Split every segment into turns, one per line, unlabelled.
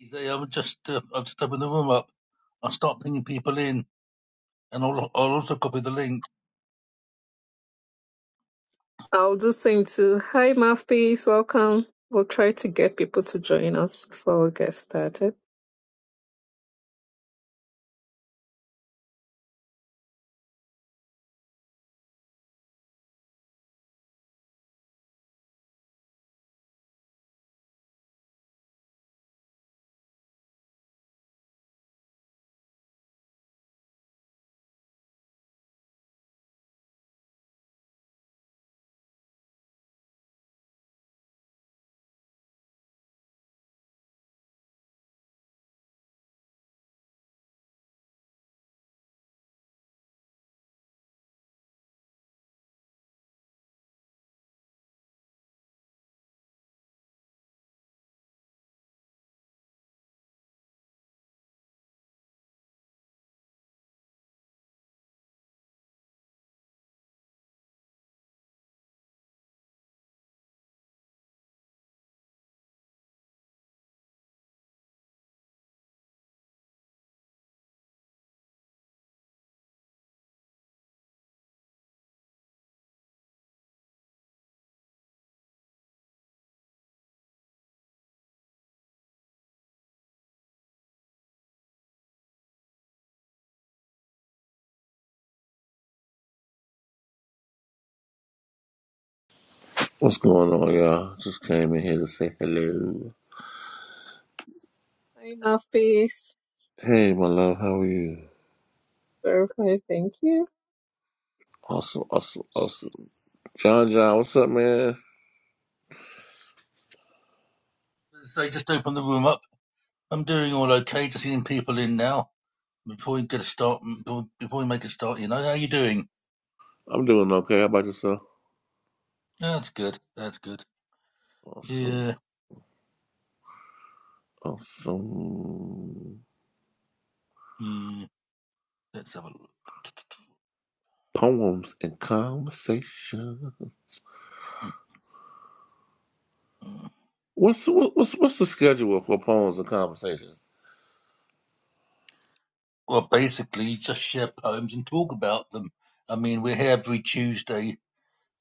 Easy, I will just, uh, I'll just open the room up. I'll start bringing people in, and I'll, I'll also copy the link.
I'll do same too. Hi, Mouthpiece. Welcome. We'll try to get people to join us before we get started.
What's going on, y'all? Just came in here to say hello.
Hi, Mouthpiece.
Hey, my love, how are you?
Very fine, Thank you.
Awesome, awesome, awesome. John, John, what's up, man?
Say, just open the room up. I'm doing all okay, just getting people in now. Before we get a start, mm, before before we make a start, you know, how you doing?
I'm doing okay. How about yourself?
Yeah, That's good, that's good.
Awesome,
Yeah,
awesome.
hmm, let's have a look.
Poems and conversation.
Mm.
What's what, what's what's the schedule for poems and conversations?
Well, basically, just share poems and talk about them. I mean, we're here every Tuesday,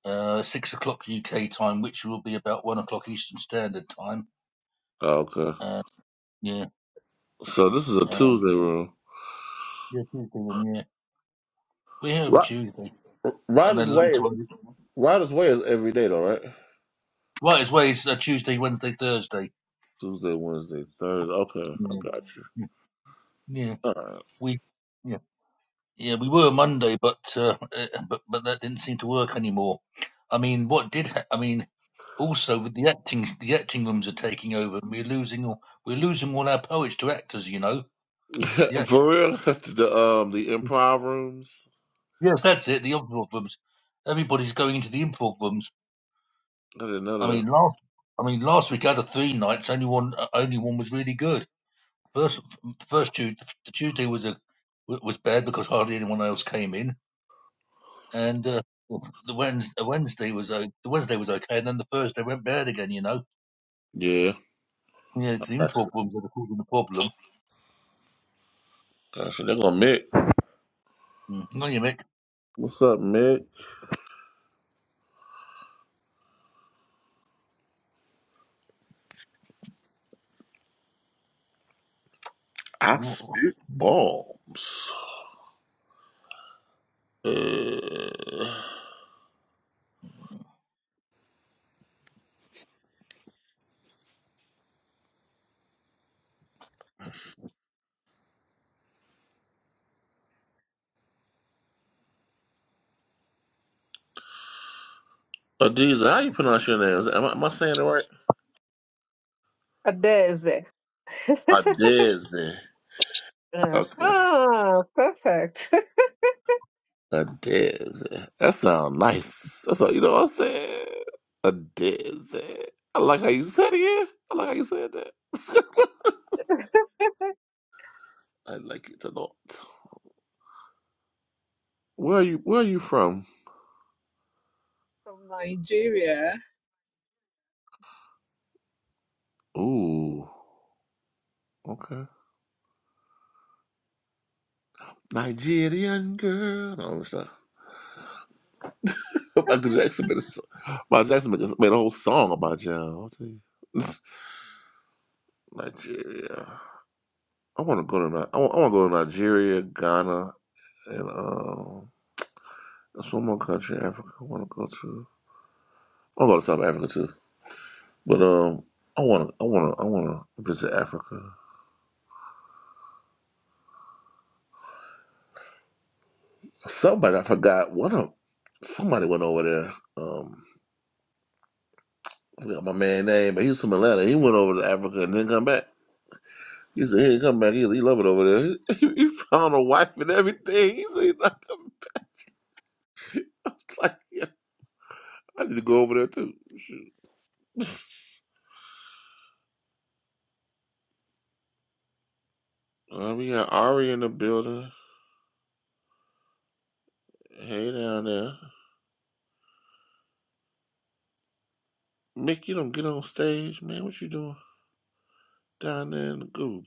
uh, 6 o'clock UK time, which will be about 1 o'clock Eastern Standard Time.
Oh, okay,
Uh, yeah.
so this is a
um,
Tuesday room.
Yeah, Tuesday room, yeah. Yeah, we're here every
Ri-
Tuesday, and
Rider's
then
way
later
is
on,
Rider's way is every day, though, right?
right as well, it's uh, Tuesday, Wednesday, Thursday.
Tuesday, Wednesday, Thursday. Okay, I
Yeah.
got
yeah. Yeah,
you.
we, yeah, yeah, we were Monday, but uh, uh, but but that didn't seem to work anymore. I mean, what did ha- I mean? Also, with the acting, the acting rooms are taking over, and we're losing all we're losing all our poets to actors. You know, the act.
For real, the um the improv rooms.
Yes, that's it. The improv rooms. Everybody's going into the improv rooms.
That's
I
another.
mean, last I mean last week out of three nights, only one uh, only one was really good. First, first Tuesday, the Tuesday was a was bad because hardly anyone else came in, and uh, the Wednesday, Wednesday was uh, the Wednesday was okay, and then the Thursday went bad again. You know,
Yeah,
yeah, it's the
that's
improv
it.
rooms that are causing the problem.
That's it. They're gonna Mick.
Mm. No, you Mick.
What's up, Mick? I spit bombs. Uh, Adiza, how you pronounce your name? Is- Am I, am I saying it right?
Adeze.
Adiza.
Yeah.
Okay.
ah, perfect.
Adiza. That sounds nice. That's all, you know what I'm saying. Adiza. I like how you said it. Yeah, I like how you said that. I like it a lot. Where are you? Where are you from?
From Nigeria.
Ooh. Okay. Nigerian girl. No, I'm just Michael Jackson made a, so- Michael Jackson made a, made a whole song about y'all. I'll tell you. Nigeria. I want to go to Ni- I want, I want to go to Nigeria, Ghana, and um, there's one more country, in Africa. I want to go to. I want to go to South Africa too. But um, I want to. I want to. I want to visit Africa. Somebody I forgot. What a somebody went over there. Um, I forgot my man's name, but he was from Atlanta. He went over to Africa and didn't come back. He said, "Hey, come back. He, he love it over there. He, found a wife and everything." He said, he's not coming. I was like, "Yeah, I need to go over there too." Shoot. Uh, we got Ari in the building. Hey, down there, Mick. You don't get on stage, man. What you doing down there in the goob?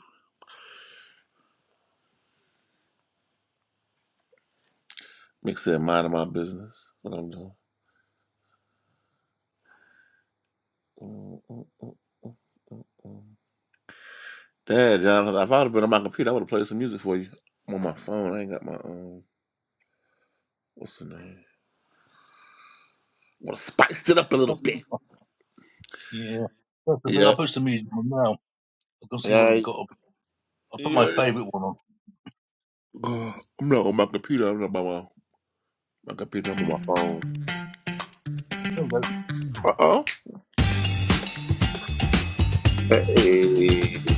Mick said, "Minding my business. What I'm doing." Mm, mm, mm, mm, mm, mm. Dad, Jonathan, if I'd have been on my computer, I would have played some music for you. I'm on my phone. I ain't got my um. What's the name? Want to spice it up a little bit?
Yeah, that's the thing.
Yeah.
I'll put some music on now. I can see
All
what I've
right.
got. I'll put my
Yeah,
favourite one on.
Uh, I'm not on my computer. I'm not by my, my computer. I'm on my phone.
There we go. Right
Uh oh. Hey.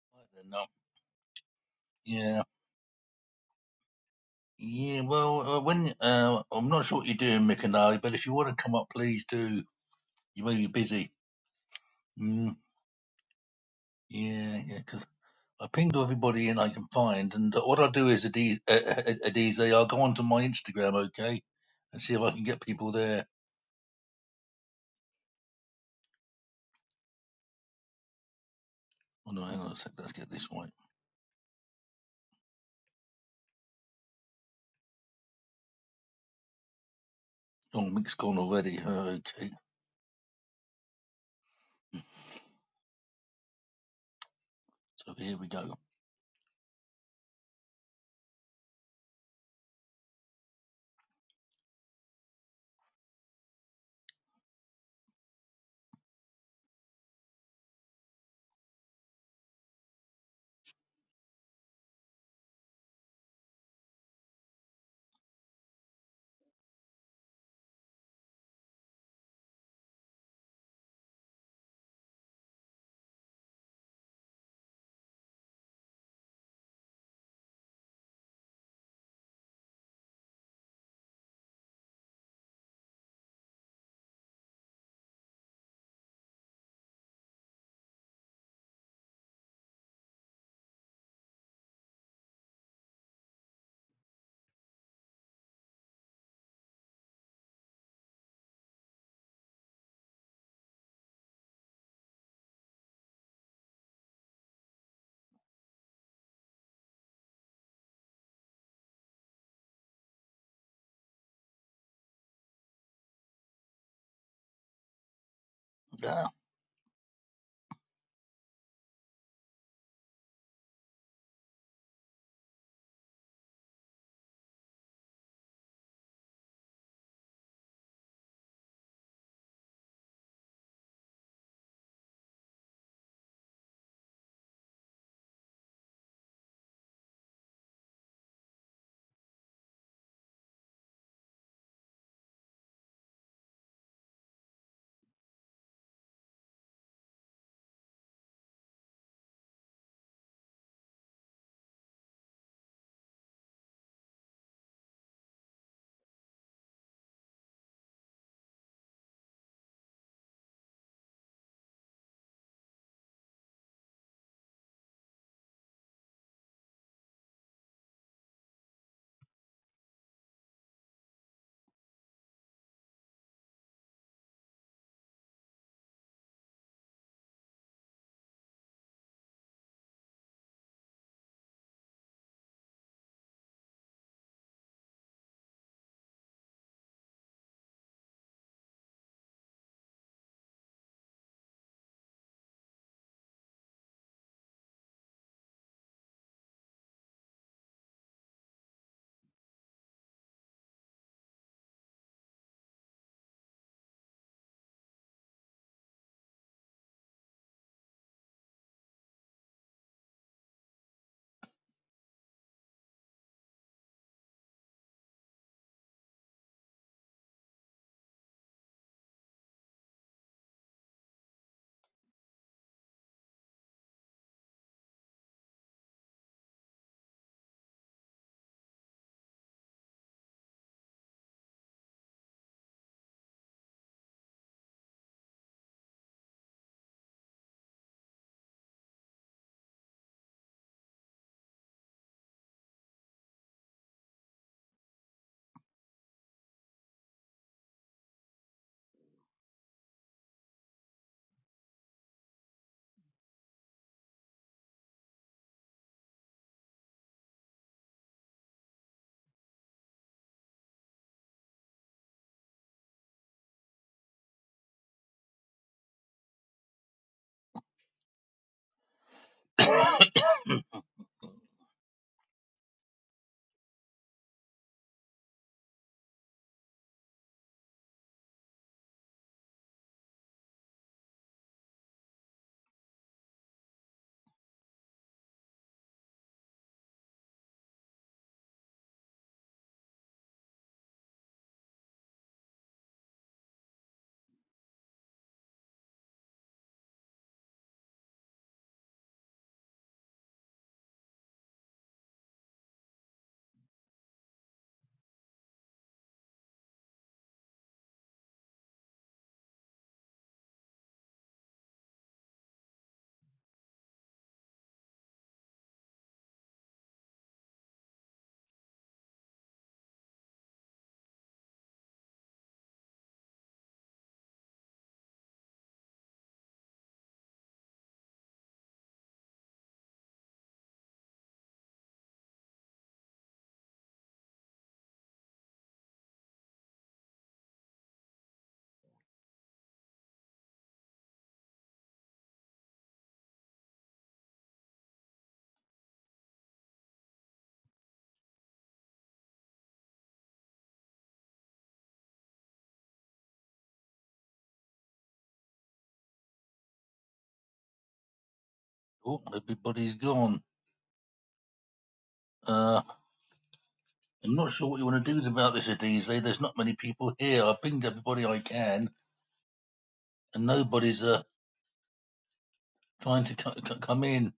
then, now. Yeah. Yeah, well, uh, when uh, I'm not sure what you're doing, Mick and I, but if you want to come up, please do. You may be busy. Mm. Yeah, yeah, because I pinged everybody in I can find, and what I'll do is, Adiz, uh, uh, Adiz, I'll go onto my Instagram, okay, and see if I can get people there. Oh no, hang on a sec, let's get this right. Oh, Mick's gone already. Uh, Okay, so here we go. Ah. oh, everybody's gone. Uh, I'm not sure what you want to do about this, Adiz. There's not many people here. I pinged everybody I can, and nobody's uh, trying to c- c- come in.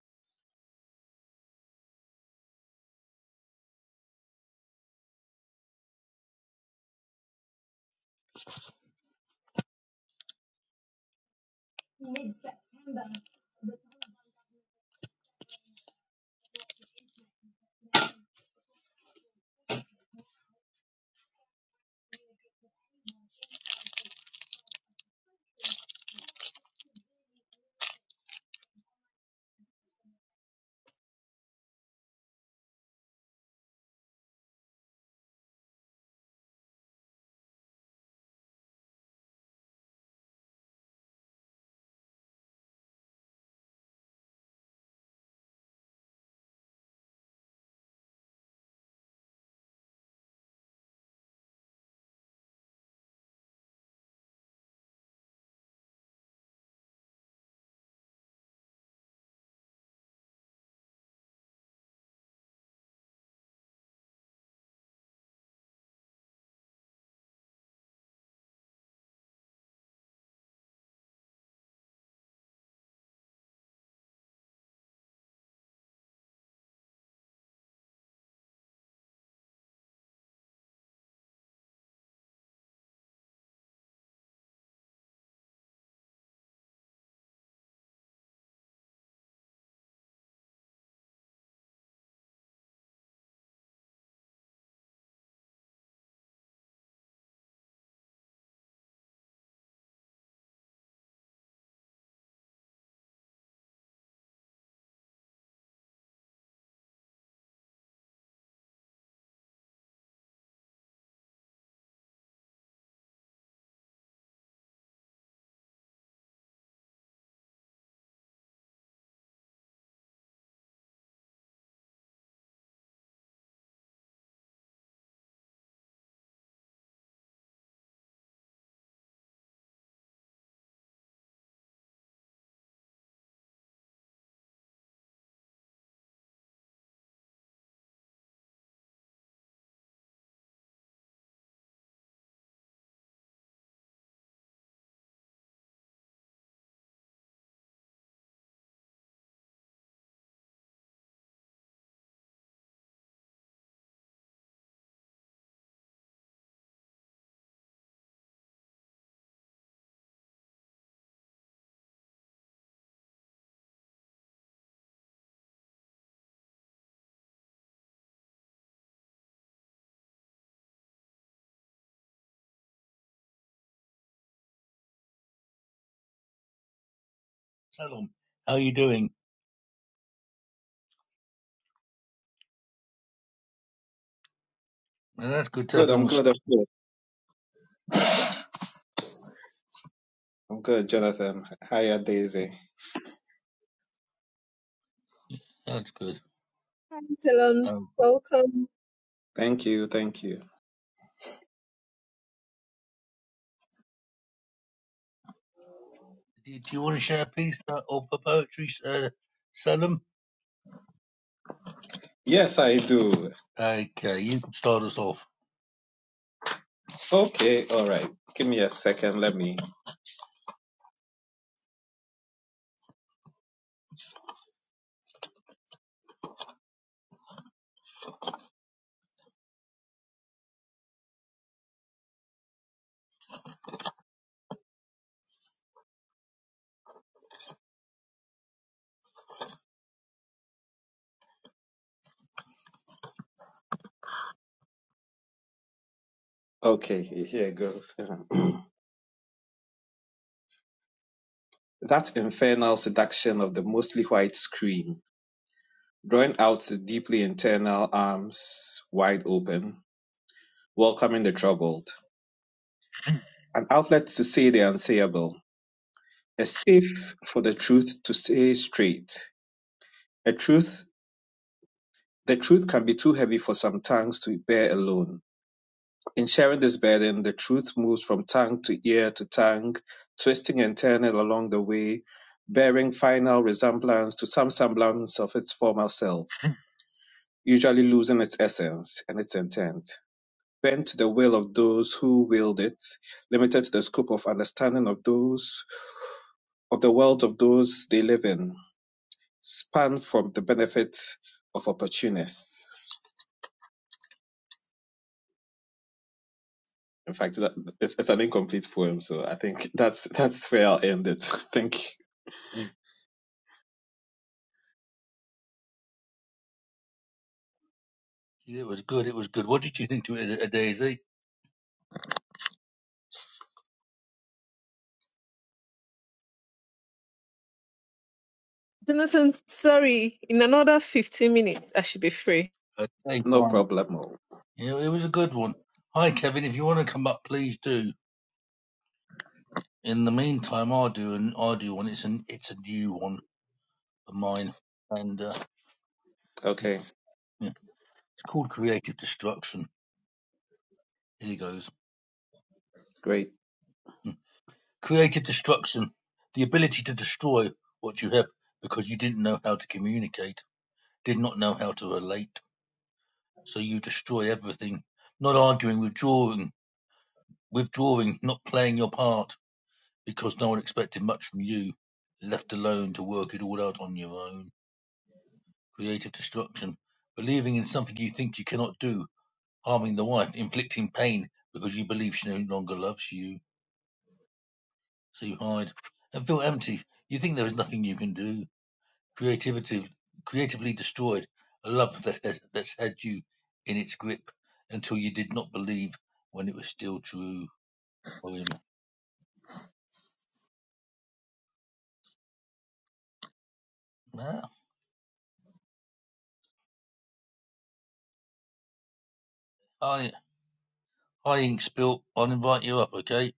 Salom, how are you doing? Well, that's good to
Good,
have you on.
I'm
the s-
good. I'm good. I'm good, Jonathan. Hiya, Daisy.
That's good.
Hi, Talon.
Um,
Welcome.
Thank you. Thank you.
Do you, do you want to share a piece uh, of the poetry, uh, Selim?
Yes, I do.
Okay, you can start us off.
Okay, all right. Give me a second. Let me. Okay, here goes. that infernal seduction of the mostly white screen, drawing out the deeply internal arms wide open, welcoming the troubled. An outlet to say the unsayable, a safe for the truth to stay straight. A truth, the truth can be too heavy for some tongues to bear alone In sharing this burden, the truth moves from tongue to ear to tongue, twisting and turning along the way, bearing final resemblance to some semblance of its former self, usually losing its essence and its intent. Bent to the will of those who wield it, limited to the scope of understanding of those, of the world of those they live in, spun from the benefit of opportunists. In fact, that, it's, it's an incomplete poem, so I think that's that's where I'll end it. Thank you.
It was good. It was good. What did you think to it, uh, Daisy?
Jonathan, sorry. In another 15 minutes, I should be free.
Okay,
No
fine.
problemo.
Yeah, it was a good one. Hi, Kevin. If you want to come up, please do. In the meantime, I do and I do one. It's an it's a new one of mine, and uh,
Okay,
it's yeah, it's called Creative Destruction. Here goes.
great.
Mm. Creative destruction, the ability to destroy what you have because you didn't know how to communicate, did not know how to relate So you destroy everything. Not arguing, withdrawing, withdrawing, not playing your part because no one expected much from you. Left alone to work it all out on your own. Creative destruction. Believing in something you think you cannot do. Harming the wife, inflicting pain because you believe she no longer loves you. So you hide and feel empty. You think there is nothing you can do. Creativity, creatively destroyed. A love that has, that's had you in its grip until you did not believe when it was still true Well, him. Nah. I I inks Bill. I'll invite you up, okay?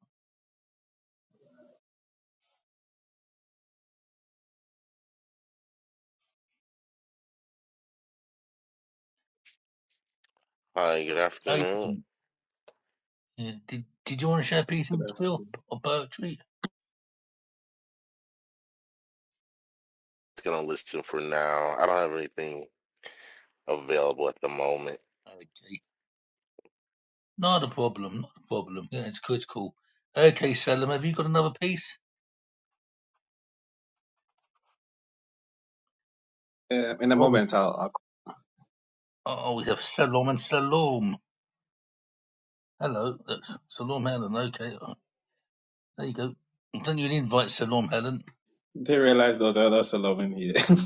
Hi, good
Bill, how you
afternoon.
doing? Yeah, did Did you want to share a piece
Good
of Bill
afternoon.
or poetry?
Just gonna listen for now. I don't have anything available at the moment.
Okay, not a problem, not a problem. Yeah, it's good, it's cool. Okay, Selim, have you got another piece?
Um, in a
Oh, we
moment, I'll, I'll
oh we have Selam and Salam. Hello, that's Salam Helen. Okay, uh, there you go. I'll send you an invite, Salam Helen.
they realize there's other Solomon here.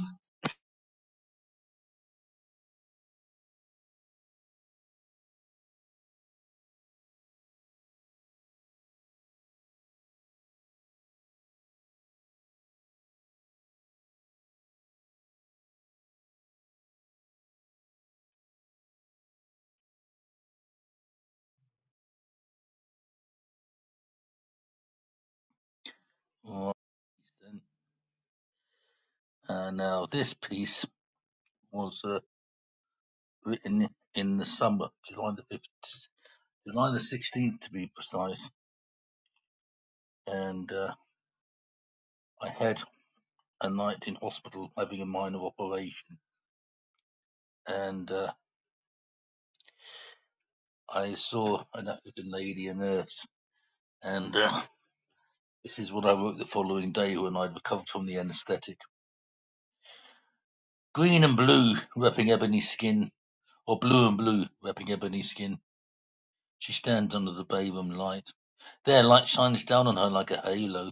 All right, then. Uh, now this piece was uh, written in the summer, July the 5th. July the 16th to be precise, and uh, I had a night in hospital having a minor operation, and uh, I saw an African lady, a nurse, and uh, this is what I wrote the following day when I'd recovered from the anaesthetic. Green and blue wrapping ebony skin, or blue and blue wrapping ebony skin, she stands under the bay room light. Their light shines down on her like a halo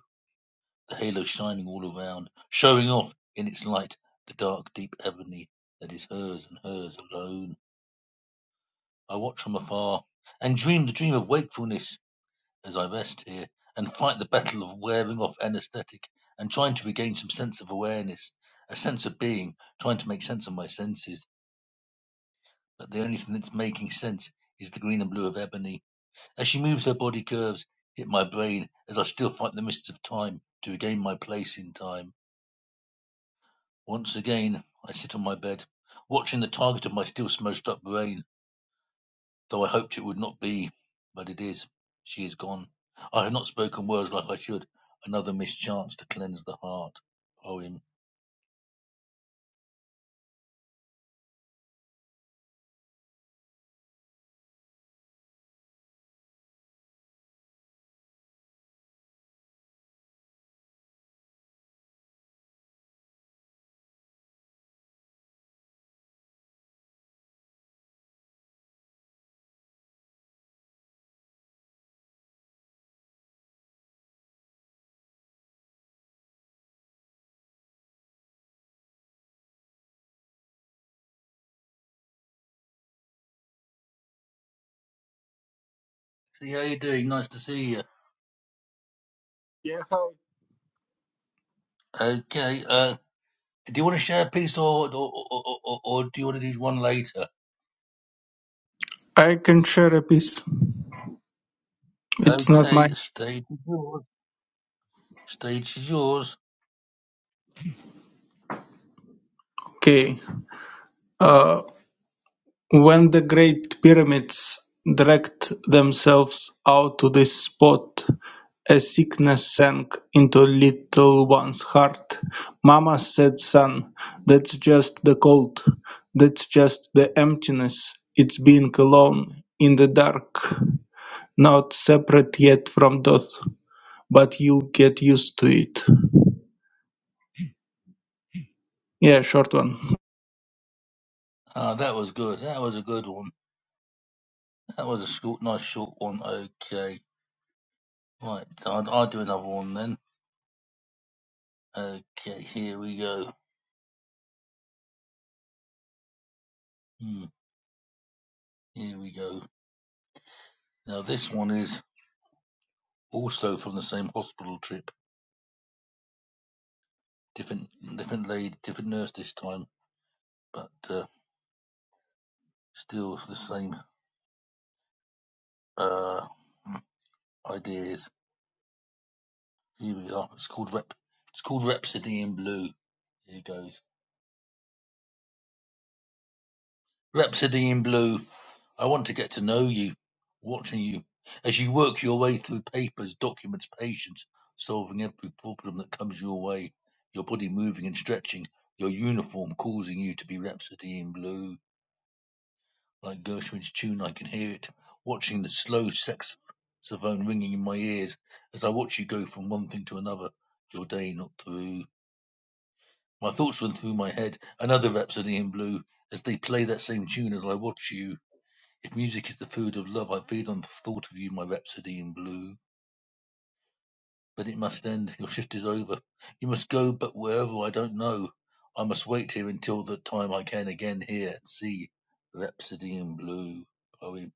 the halo shining all around, showing off in its light the dark, deep ebony that is hers and hers alone. I watch from afar and dream the dream of wakefulness as I rest here and fight the battle of wearing off anesthetic and trying to regain some sense of awareness, a sense of being, trying to make sense of my senses. But the only thing that's making sense is the green and blue of ebony. As she moves her body curves, hit my brain as I still fight the mists of time to regain my place in time. Once again I sit on my bed, watching the target of my still smudged up brain, though I hoped it would not be. But it is. She is gone. I have not spoken words like I should. Another missed chance to cleanse the heart. Poem. See how you doing? Nice to see you.
Yes,
Okay. Uh, do you want to share a piece, or or, or, or, or or do you want to do one later?
I I can share a piece. It's not
Okay.
mine.
Stage is yours. Stage is yours.
Okay. Uh, when the great pyramids dragged themselves out to this spot, a sickness sank into little one's heart. Mama said, son, that's just the cold. That's just the emptiness. It's being alone in the dark. Not separate yet from death, but you'll get used to it. Yeah, short one.
Ah, that was good. That was a good one. That was a short, nice short one. Okay. Right. So I'll, I'll do another one then. Okay, here we go. Hmm, here we go. Now this one is also from the same hospital trip. Different, different lady, different nurse this time, but uh, still the same uh, ideas. Here we are. It's called Rep. It's called Rhapsody in Blue. Here goes. Rhapsody in Blue. I want to get to know you, watching you, as you work your way through papers, documents, patience, solving every problem that comes your way, your body moving and stretching, your uniform causing you to be Rhapsody in Blue. Like Gershwin's tune, I can hear it, watching the slow saxophone ringing in my ears as I watch you go from one thing to another, your day not through. My thoughts run through my head, another Rhapsody in Blue, as they play that same tune as I watch you if music is the food of love, I feed on the thought of you, my rhapsody in blue. But it must end, your shift is over. You must go, but wherever I don't know. I must wait here until the time I can again hear and see Rhapsody in Blue. Poem.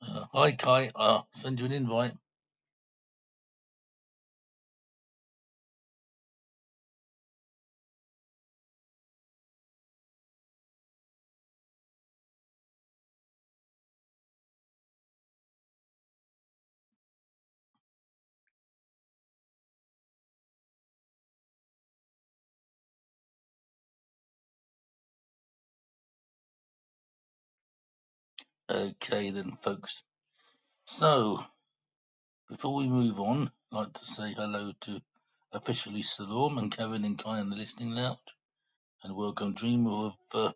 Uh, hi, Kai. I'll send you an invite. Okay, then, folks. So, before we move on, I'd like to say hello to officially Salom and Karen and Kai in the listening lounge. And welcome Dreamer of uh,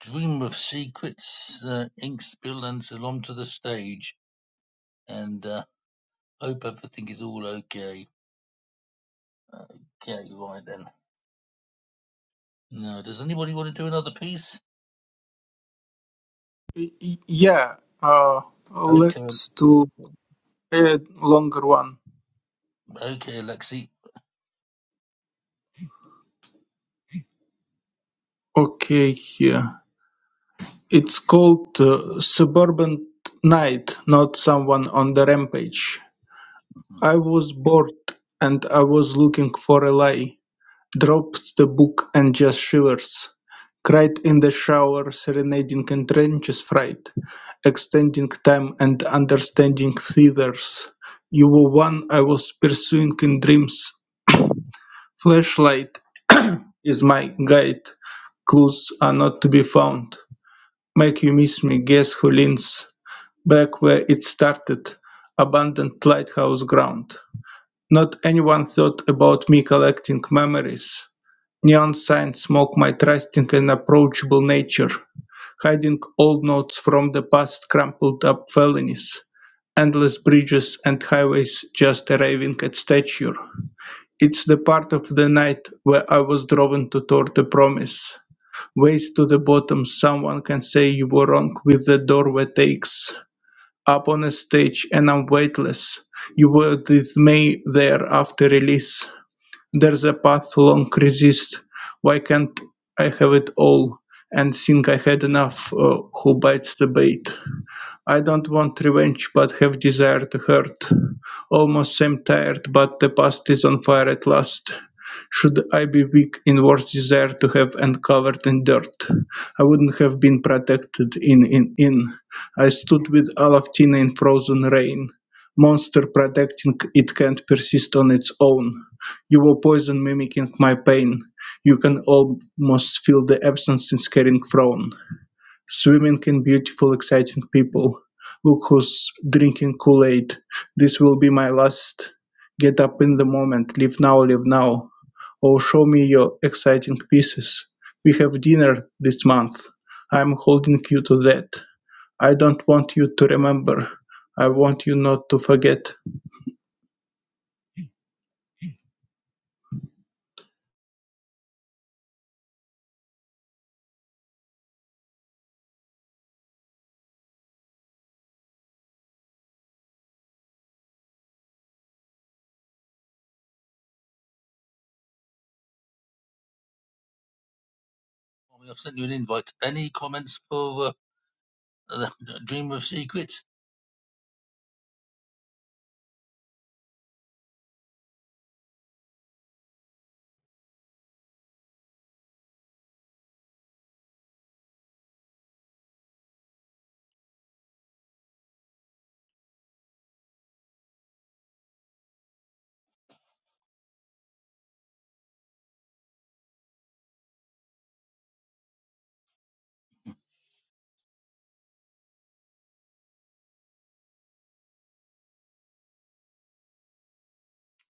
Dream of Secrets uh, ink spill and Salon to the stage, and uh, hope everything is all okay. Okay, right then. Now, does anybody want to do another piece?
Y- Yeah, uh,
Okay,
let's do a longer one.
okay, Lexi.
Okay, here. It's called uh, Suburban Night, not someone on the rampage.
Mhm.
I was bored and I was looking for a lie. Dropped the book and just shivers. Cried in the shower, serenading in trenches fright. Extending time and understanding theaters. You were one I was pursuing in dreams. Flashlight is my guide. Clues are not to be found. Make you miss me, guess who leans back where it started? Abandoned lighthouse ground. Not anyone thought about me collecting memories. Neon signs smoke my trusting and approachable nature, hiding old notes from the past crumpled up felonies endless bridges and highways just arriving at stature. It's the part of the night where I was driven to toward the promise, Waist to the bottom someone can say you were wrong with the doorway takes up on a stage and I'm weightless. You were with there after release. There's a path long resist. Why can't I have it all? And think I had enough uh, who bites the bait. I don't want revenge but have desire to hurt. Almost am tired but the past is on fire at last. Should I be weak in worse desire to have and covered in dirt? I wouldn't have been protected in in in. I stood with Alaftina in frozen rain. Monster protecting it can't persist on its own. You were poison mimicking my pain. You can almost feel the absence in scaring frown. Swimming can beautiful exciting people. Look who's drinking Kool-Aid. This will be my last. Get up in the moment. Live now, live now. Oh, show me your exciting pieces. We have dinner this month. I'm holding you to that. I don't want you to remember. I want you not to forget.
I've sent you an invite. Any comments for uh, Dream of Secrets?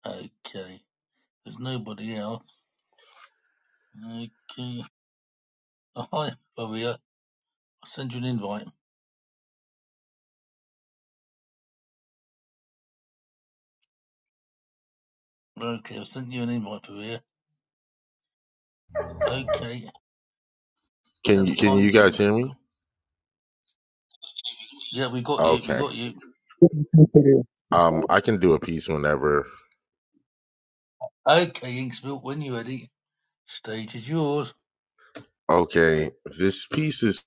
Okay, there's nobody else. Okay. Oh, hi, Maria. I sent you an invite. Okay, I sent you an invite, Maria. Okay,
Can
that's
you can
fine.
you guys hear me?
Yeah, we got you. We
Okay.
got you.
Um, I can do a piece whenever.
Okay, Inksville, when you're ready, stage is yours.
Okay, this piece is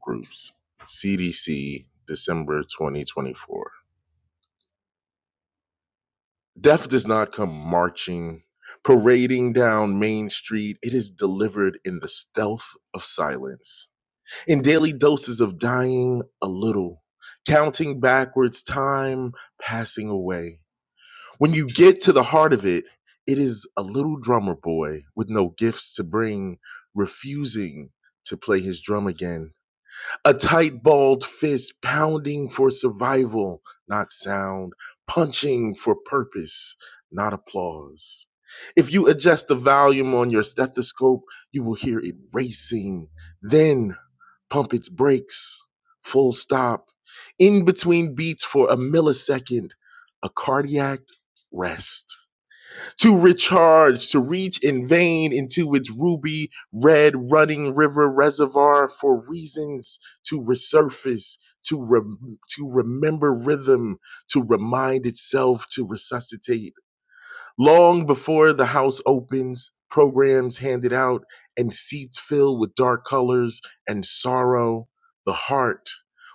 groups CDC December 2024. Death does not come marching, parading down Main Street. It is delivered in the stealth of silence, in daily doses of dying a little, counting backwards, time passing away. When you get to the heart of it, it is a little drummer boy with no gifts to bring, refusing to play his drum again. A tight, balled fist pounding for survival, not sound, punching for purpose, not applause. If you adjust the volume on your stethoscope, you will hear it racing, then pump its brakes, full stop, in between beats for a millisecond, a cardiac rest. To recharge, to reach in vain into its ruby red running river reservoir for reasons to resurface, to, rem- to remember rhythm, to remind itself to resuscitate Long before the house opens, programs handed out, and seats filled with dark colors and sorrow, the heart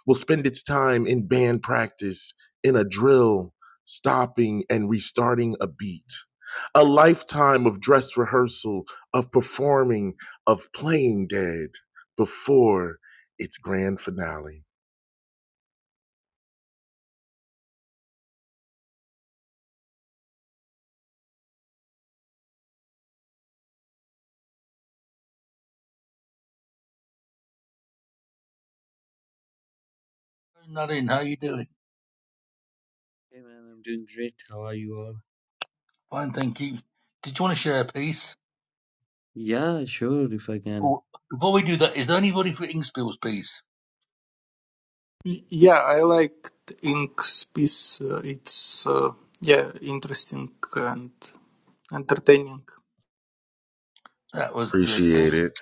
will spend its time in band practice, in a drill, stopping and restarting a beat. A lifetime of dress rehearsal, of performing, of playing dead before its grand finale.
Nadine, how you doing?
Hey man, I'm doing great. How are you all?
Fine, thank you. Did you want to share a piece?
Yeah, sure, if I can.
Or before we do that, is there anybody for Inksville's piece?
Yeah, I liked Ink's piece. Uh, it's uh, yeah, interesting and entertaining.
That was good. Thank
Appreciate it.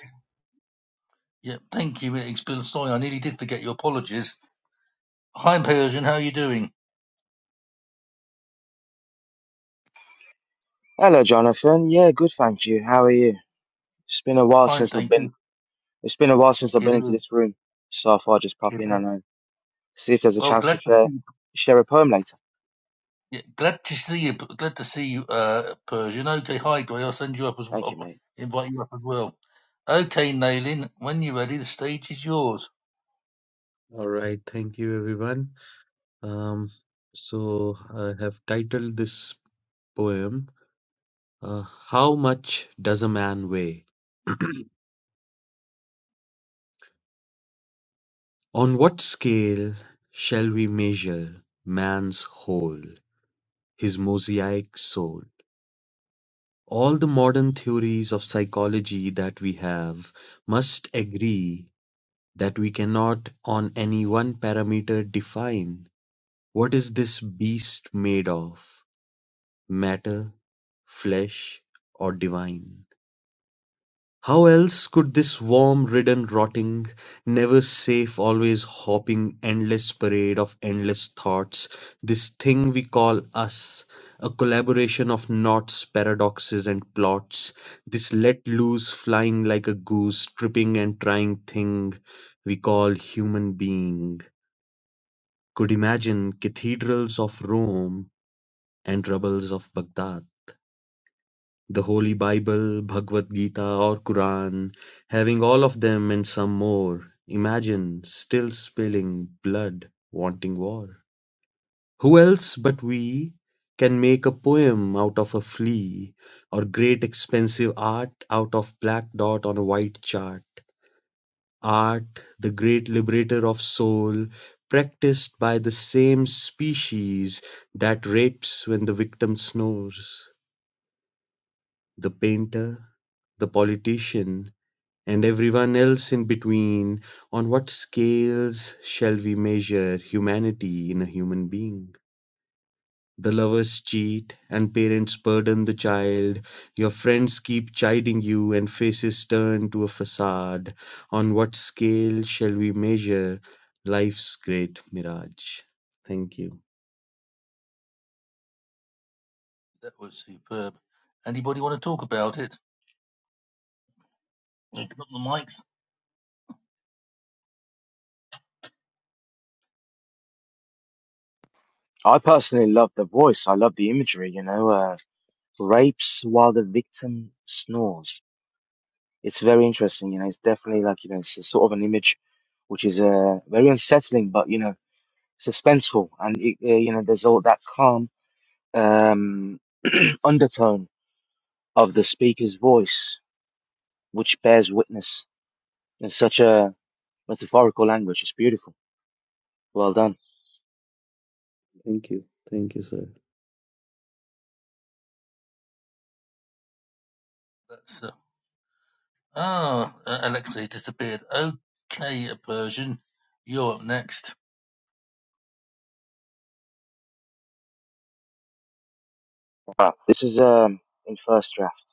yeah, thank you, Inksville. Sorry, I nearly did forget your apologies. Hi, Persian, how you doing?
Hello, Jonathan. Yeah, good, thank you. How are you? It's been a while
Fine,
since I've
thank
been.
you.
It's been a while since I've
You're
been into
doing.
this room, so I thought I'd just pop
you're
in
doing-
and uh, see if there's a
Well,
chance to
glad to
share
see you.
share a poem later.
yeah, Glad to see you. Glad to see you, uh, Persian. Okay, hi, Gray. I'll send you up as
Thank you,
well.
mate.
Invite you up as well. Okay, Nalin, when you're ready, the stage is yours.
All right, thank you everyone. Um, so I have titled this poem, uh, How Much Does a Man Weigh? On what scale shall we measure man's whole, his mosaic soul? All the modern theories of psychology that we have must agree that we cannot on any one parameter define What is this beast made of? Matter, flesh, or divine? How else could this worm-ridden rotting, never safe, always hopping, endless parade of endless thoughts, this thing we call us, a collaboration of knots, paradoxes, and plots, this let loose, flying like a goose, tripping and trying thing we call human being, could imagine cathedrals of Rome and troubles of Baghdad, the Holy Bible, Bhagavad Gita or Quran, having all of them and some more, imagine, still spilling blood, wanting war. Who else but we can make a poem out of a flea, or great expensive art out of black dot on a white chart? Art, the great liberator of soul, practiced by the same species that rapes when the victim snores. the painter, the politician, and everyone else in between, on what scales shall we measure humanity in a human being? The lovers cheat, and parents burden the child. Your friends keep chiding you, and faces turn to a facade. On what scale shall we measure life's great mirage? Thank you.
That was superb. Anybody want to talk about it? Open up the mics.
I personally love the voice. I love the imagery. You know, uh, rapes while the victim snores. It's very interesting. You know, it's definitely like you know, it's a sort of an image which is uh, very unsettling, but you know, suspenseful, and it, uh, you know, there's all that calm um, undertone of the speaker's voice which bears witness in such a metaphorical language. It's beautiful. Well done.
Thank you. Thank you, sir.
That's uh, ah, uh, Alexei disappeared. Okay, Persian, you're up next.
Wow. This is um, in first draft.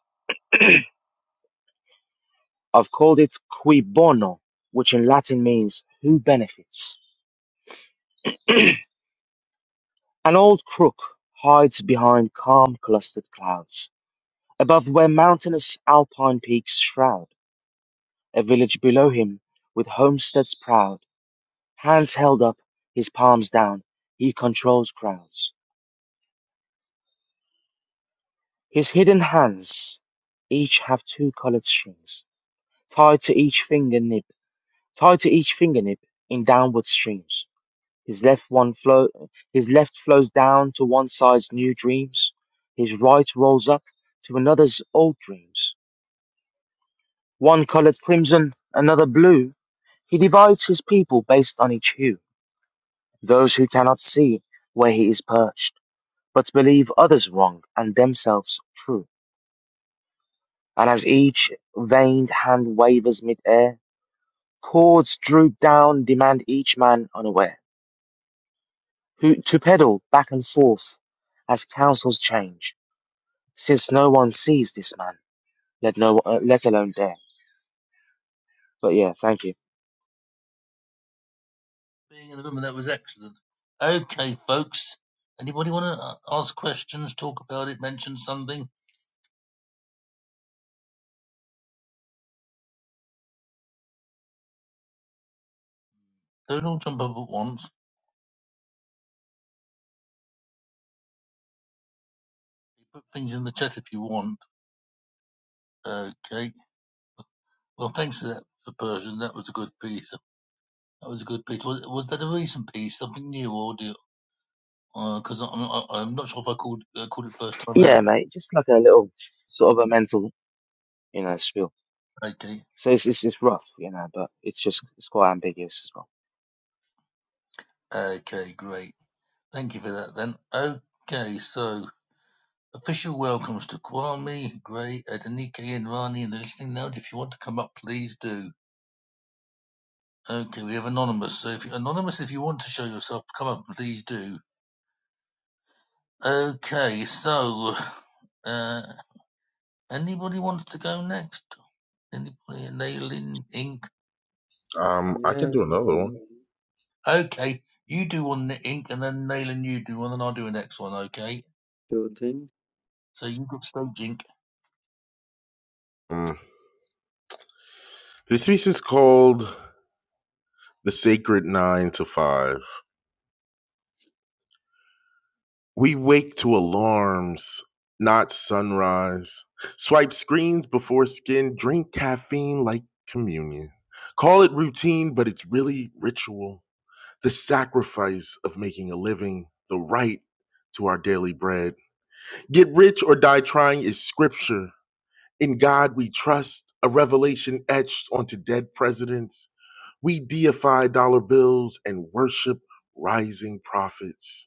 I've called it qui bono, which in Latin means who benefits. An old crook hides behind calm clustered clouds, above where mountainous alpine peaks shroud a village below him with homesteads proud, hands held up, his palms down, he controls crowds. His hidden hands each have two colored strings tied to each fingertip, tied to each fingertip in downward streams. His left one flow, his left flows down to one side's new dreams. His right rolls up to another's old dreams. One colored crimson, another blue. He divides his people based on each hue. Those who cannot see where he is perched, but believe others wrong and themselves true. And as each veined hand wavers mid-air, cords droop down, demand each man unaware. who to pedal back and forth as councils change, since no one sees this man, let no uh, let alone dare. But yeah, thank you.
Being in the room, that was excellent. Okay, folks. Anybody want to ask questions, talk about it, mention something? Don't all jump up at once. Put things in the chat if you want. Okay. Well, thanks for that, for Persian. That was a good piece. That was a good piece. Was, was that a recent piece, something new, or do because I'm I, I'm not sure if I called uh, called it first time out.
Yeah, mate, just like a little sort of a mental, you know, spiel.
Okay.
So it's it's, it's rough, you know, but it's just it's quite ambiguous as well.
Okay, great. Thank you for that then. Okay, so official welcomes to Kwame, Gray, Adenike, and Rani in the listening lounge. If you want to come up, please do. Okay, we have Anonymous. So if you Anonymous, if you want to show yourself, come up, please do. Okay, so uh anybody wants to go next? Anybody nailing ink?
Um, I can
Yeah,
do another one.
um,
Okay, you do one the ink and then nailing you do one, and I'll do the next one, okay?
sure thing.
So you've got stage ink.
Um, this piece is called the sacred nine to five. We wake to alarms, not sunrise. Swipe screens before skin, drink caffeine like communion. Call it routine, but it's really ritual. The sacrifice of making a living, the right to our daily bread. Get rich or die trying is scripture. In God we trust, a revelation etched onto dead presidents. We deify dollar bills and worship rising profits.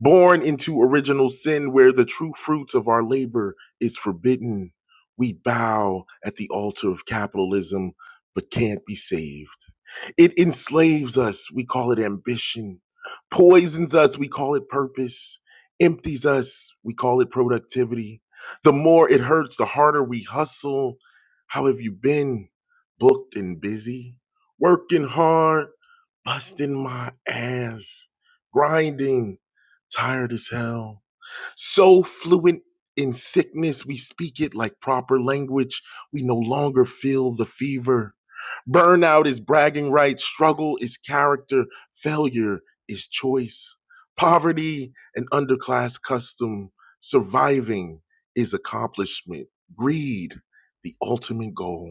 born into original sin where the true fruits of our labor is forbidden. We bow at the altar of capitalism but can't be saved. It enslaves us, we call it ambition, poisons us, we call it purpose, empties us, we call it productivity. The more it hurts, the harder we hustle. How have you been? Booked and busy, working hard busting my ass, grinding, tired as hell. So fluent in sickness, we speak it like proper language. We no longer feel the fever. Burnout is bragging rights, struggle is character, failure is choice. Poverty and underclass custom, surviving is accomplishment, greed, the ultimate goal.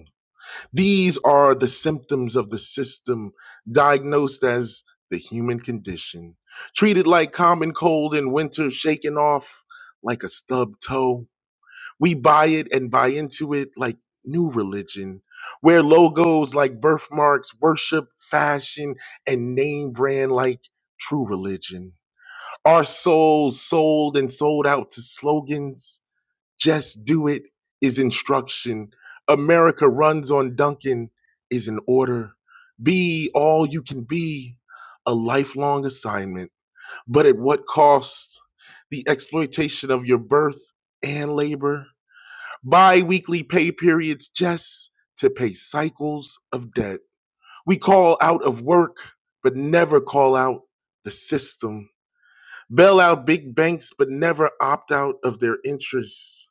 These are the symptoms of the system diagnosed as the human condition, treated like common cold in winter, shaken off like a stubbed toe. We buy it and buy into it like new religion, wear logos like birthmarks, worship fashion, and name brand like true religion. Our souls sold and sold out to slogans just do it is instruction. America runs on Duncan is an order. Be all you can be, a lifelong assignment. But at what cost? The exploitation of your birth and labor, bi weekly pay periods just to pay cycles of debt. We call out of work, but never call out the system. Bail out big banks, but never opt out of their interests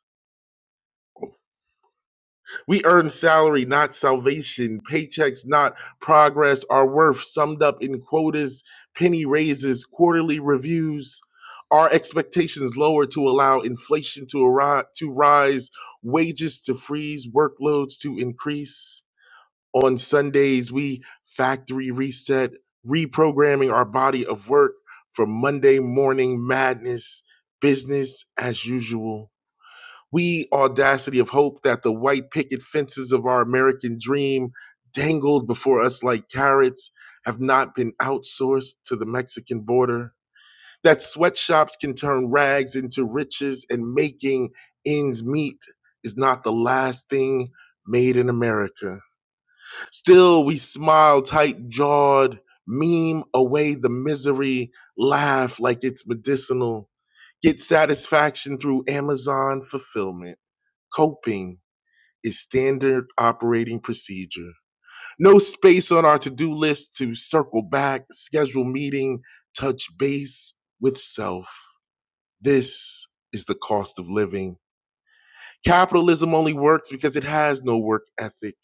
We earn salary, not salvation, paychecks, not progress, our worth summed up in quotas, penny raises, quarterly reviews, our expectations lower to allow inflation to, arise, to rise, wages to freeze, workloads to increase. On Sundays, we factory reset, reprogramming our body of work for Monday morning madness, business as usual we audacity of hope that the white picket fences of our American dream dangled before us like carrots have not been outsourced to the Mexican border. That sweatshops can turn rags into riches and making ends meet is not the last thing made in America. Still, we smile tight jawed, meme away the misery, laugh like it's medicinal, get satisfaction through Amazon fulfillment Coping is standard operating procedure. No space on our to do list to circle back, schedule meeting, touch base with self. This is the cost of living Capitalism only works because it has no work ethic.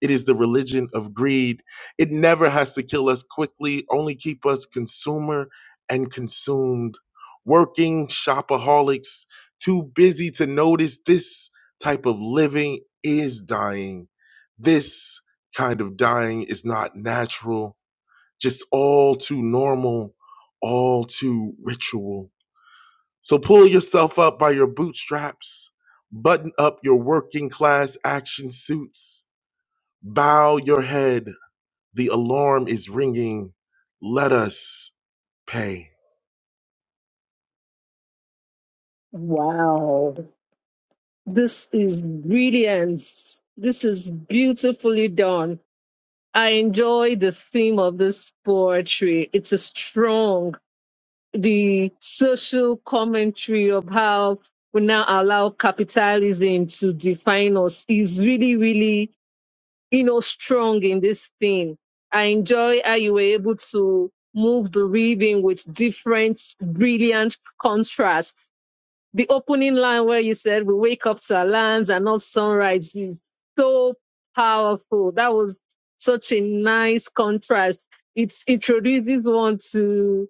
It is the religion of greed. It never has to kill us quickly, only keep us consumer and consumed. Working shopaholics, too busy to notice this type of living is dying. This kind of dying is not natural, just all too normal, all too ritual. So pull yourself up by your bootstraps, button up your working class action suits, bow your head. The alarm is ringing. Let us pay.
Wow. This is brilliance. This is beautifully done. I enjoy the theme of this poetry. It's a strong, the social commentary of how we now allow capitalism to define us is really, really, you know, strong in this theme. I enjoy how you were able to move the reading with different brilliant contrasts the opening line where you said we wake up to alarms and not sunrise is so powerful. That was such a nice contrast. It introduces one to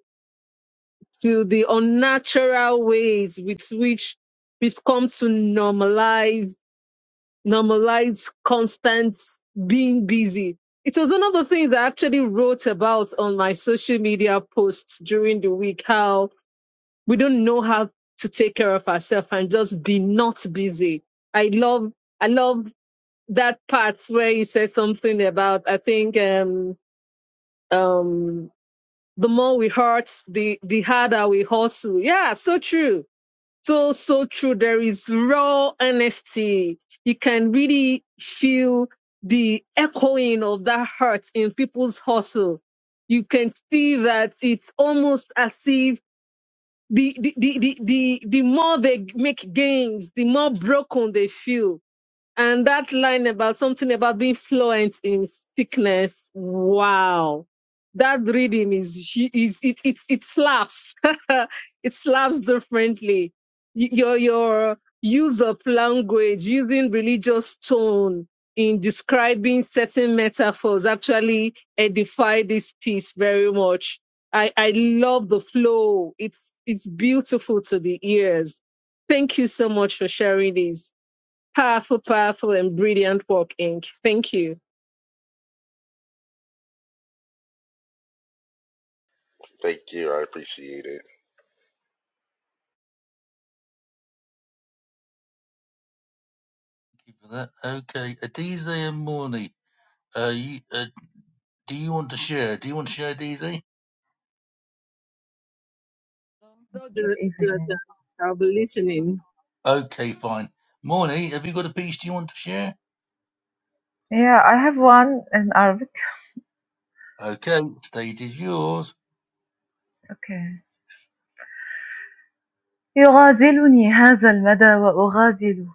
to the unnatural ways with which we've come to normalize normalize constant being busy. It was one of the things I actually wrote about on my social media posts during the week. How we don't know how to take care of ourselves and just be not busy. I love I love that part where you said something about I think um um the more we hurt, the the harder we hustle. Yeah, so true. So so true. There is raw honesty. You can really feel the echoing of that hurt in people's hustle. You can see that it's almost as if the the, the the the the more they make gains, the more broken they feel and that line about something about being fluent in sickness. Wow. That rhythm is, hu- is it, it, it slaps. it slaps differently. Y- Your, your use of language, using religious tone in describing certain metaphors actually edify this piece very much. I, I love the flow. It's, it's beautiful to the ears. Thank you so much for sharing this. Powerful, powerful, and brilliant work, Inc. Thank you.
Thank you. I appreciate it.
Thank you for that. Okay, Adize and Morny, uh, you, uh, do you want to share? Do you want to share, Adize?
So,
Not
Jon- Jonathan,
evening.
I'll be listening.
Okay, fine. Morny, have you got a piece do you want to share?
Yeah, I have one in Arabic.
Okay, stage is yours.
Okay. يغازلني هذا المدى وأغازله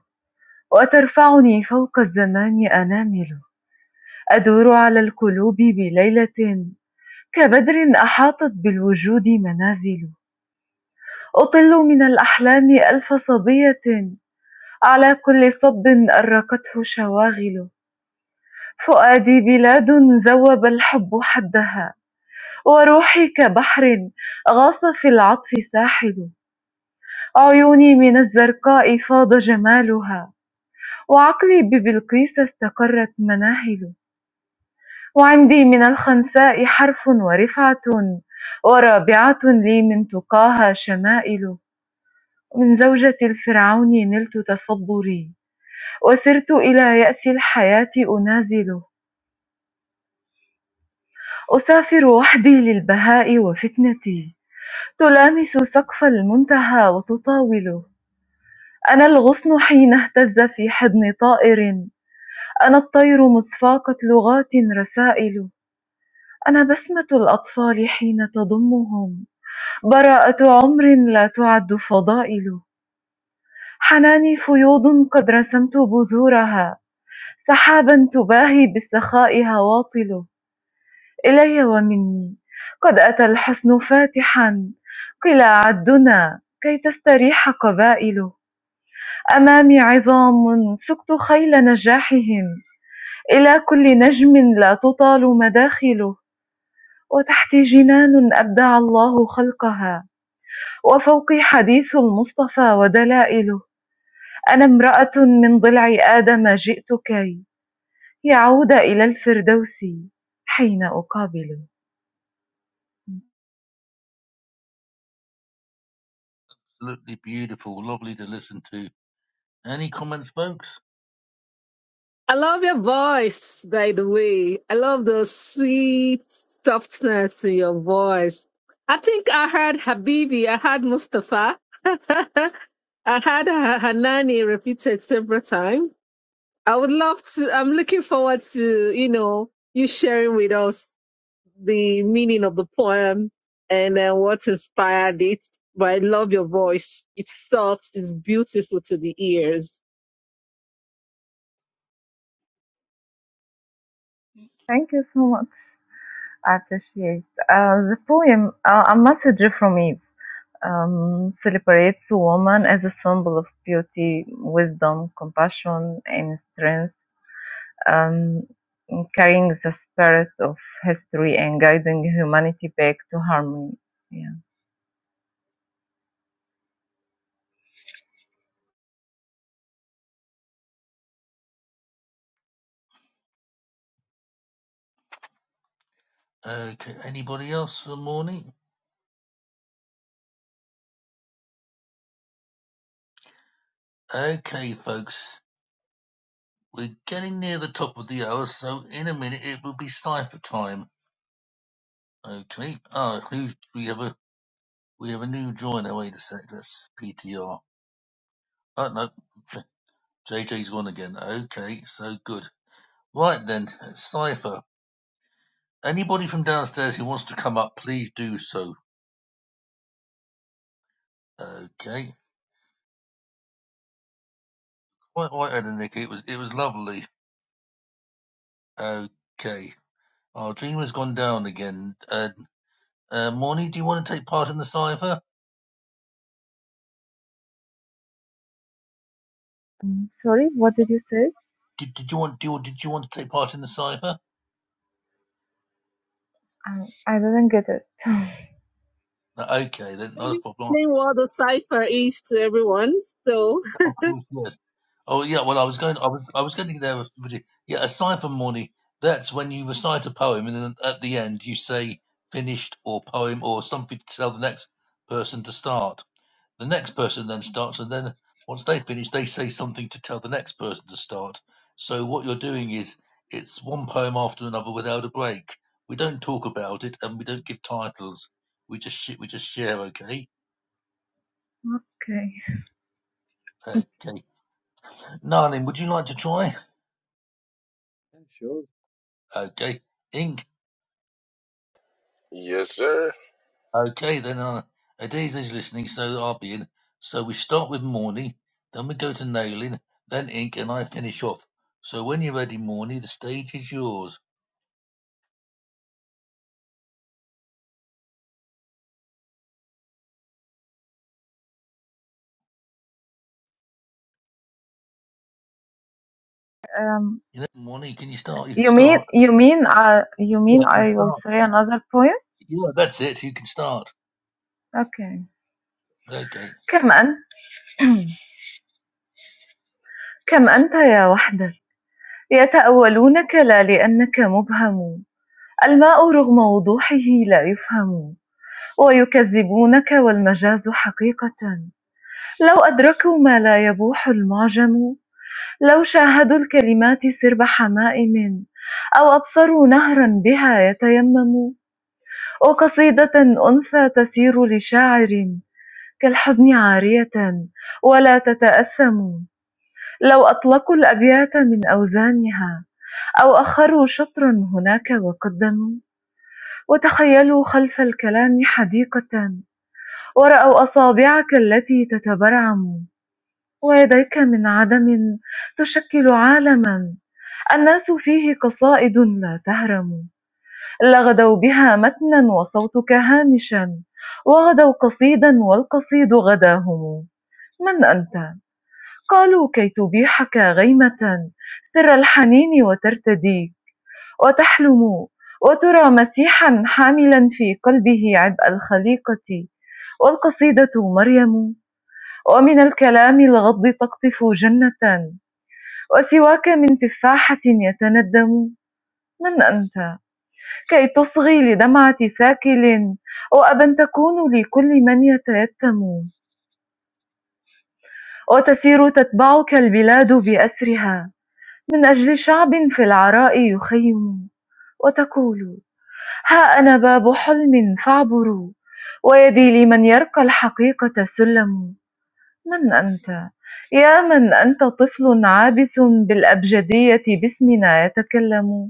وترفعني فوق الزمان أنامل أدور على القلوب بليلة كبدر أحاطت بالوجود منازل أطل من الأحلام ألف صبية على كل صب أرقته شواغل فؤادي بلاد ذوب الحب حدها وروحي كبحر غاص في العطف ساحل أعيني من الزرقاء فاض جمالها وعقلي ببلقيس استقرت مناهل وعندي من الخنساء حرف ورفعة ورابعة لي من تقاها شمائل من زوجة الفرعون نلت تصبري وسرت إلى يأس الحياة أنازله أسافر وحدي للبهاء وفتنتي تلامس سقف المنتهى وتطاوله أنا الغصن حين اهتز في حضن طائر أنا الطير مصفاقة لغات رسائل أنا بسمة الأطفال حين تضمهم براءة عمر لا تعد فضائل حناني فيوض قد رسمت بذورها سحابا تباهي بالسخاء هواطل إلي ومني قد أتى الحسن فاتحا قل عدنا كي تستريح قبائل أمامي عظام سقت خيل نجاحهم إلى كل نجم لا تطال مداخله وتحتي جنان أبدع الله خلقها وفوقي حديث المصطفى ودلائله أنا امرأة من ضلع آدم جئت كي يعود إلى الفردوس حين أقابله
Absolutely beautiful, lovely to listen to. Any comments, folks?
I love your voice, by the way. I love the sweet softness in your voice. I think I heard Habibi, I heard Mustafa, I heard Ha- Hanani repeated several times. I would love to, I'm looking forward to, you know, you sharing with us. the meaning of the poem and then what inspired it. But I love your voice. It's soft, it's beautiful to the ears.
Thank you so much. I appreciate. Uh, the poem, uh, A Message from Eve, um, celebrates a woman as a symbol of beauty, wisdom, compassion, and strength. um, carrying the spirit of history and guiding humanity back to harmony. Yeah.
Okay, anybody else for Morny? Okay, folks, we're getting near the top of the hour, so in a minute it will be cipher time. Okay. Ah, who's we have a we have a new joiner. Wait a sec. That's PTR. Oh no. JJ's gone again. Okay, so good. Right then, Cypher. Anybody from downstairs who wants to come up, please do so. Okay. Quite right, Ed and Nikki. It was it was lovely. Okay. Our dream has gone down again. Uh, uh Morning, do you want to take part in the cipher?
Mm, Sorry, what did you say?
Did, did you want do you, did you want to take part in the cipher?
Um, I didn't get it.
Uh, okay, then not
Maybe
a problem.
explain what the cipher is to everyone. So
Of course, yes. Oh yeah, well I was going I was I was getting there with with it. Yeah, aside from morning, that's when you recite a poem and then at the end you say finished or poem or something to tell the next person to start. The next person then starts and then once they finish they say something to tell the next person to start. So what you're doing is it's one poem after another without a break. We don't talk about it and we don't give titles. We just sh- we just share, okay?
Okay.
Okay. Narlin, would you like to try?
Yeah, sure.
Okay. ink.
Yes, sir.
Okay, then uh, Adese's listening, so I'll be in. So we start with Morny, then we go to Nailing, then Ink, and I finish off. So when you're ready, Morny, the stage is yours.
Um,
You know, Morny, can you start? You can
you mean
start.
you mean uh, you mean
Yeah, you
I will
start.
say another poem?
Yeah, that's it. You can start.
Okay.
Okay,
كم أنت كم أنت يا وحدك يتأولونك لا لأنك مبهم الماء رغم وضوحه لا يفهم ويكذبونك والمجاز حقيقة لو أدركوا ما لا يبوح المعجم لو شاهدوا الكلمات سرب حمائم أو أبصروا نهرا بها يتيمم وقصيدة أنثى تسير لشاعر كالحزن عارية ولا تتأثم لو أطلقوا الأبيات من أوزانها أو أخروا شطرا هناك وقدموا وتخيلوا خلف الكلام حديقة ورأوا أصابعك التي تتبرعم ويديك من عدم تشكل عالما الناس فيه قصائد لا تهرم لغدوا بها متنا وصوتك هامشا وغدوا قصيدا والقصيد غداهم من أنت؟ قالوا كي تبيحك غيمة سر الحنين وترتدي وتحلم وترى مسيحا حاملا في قلبه عبء الخليقة والقصيدة مريم ومن الكلام الغض تقطف جنة وسواك من تفاحة يتندم من أنت كي تصغي لدمعة ساكل وأبا تكون لكل من يتيتم وتسير تتبعك البلاد بأسرها من أجل شعب في العراء يخيم وتقول ها أنا باب حلم فاعبروا ويدي لمن يرقى الحقيقة سلم من أنت يا من أنت طفل عابث بالأبجدية باسمنا يتكلم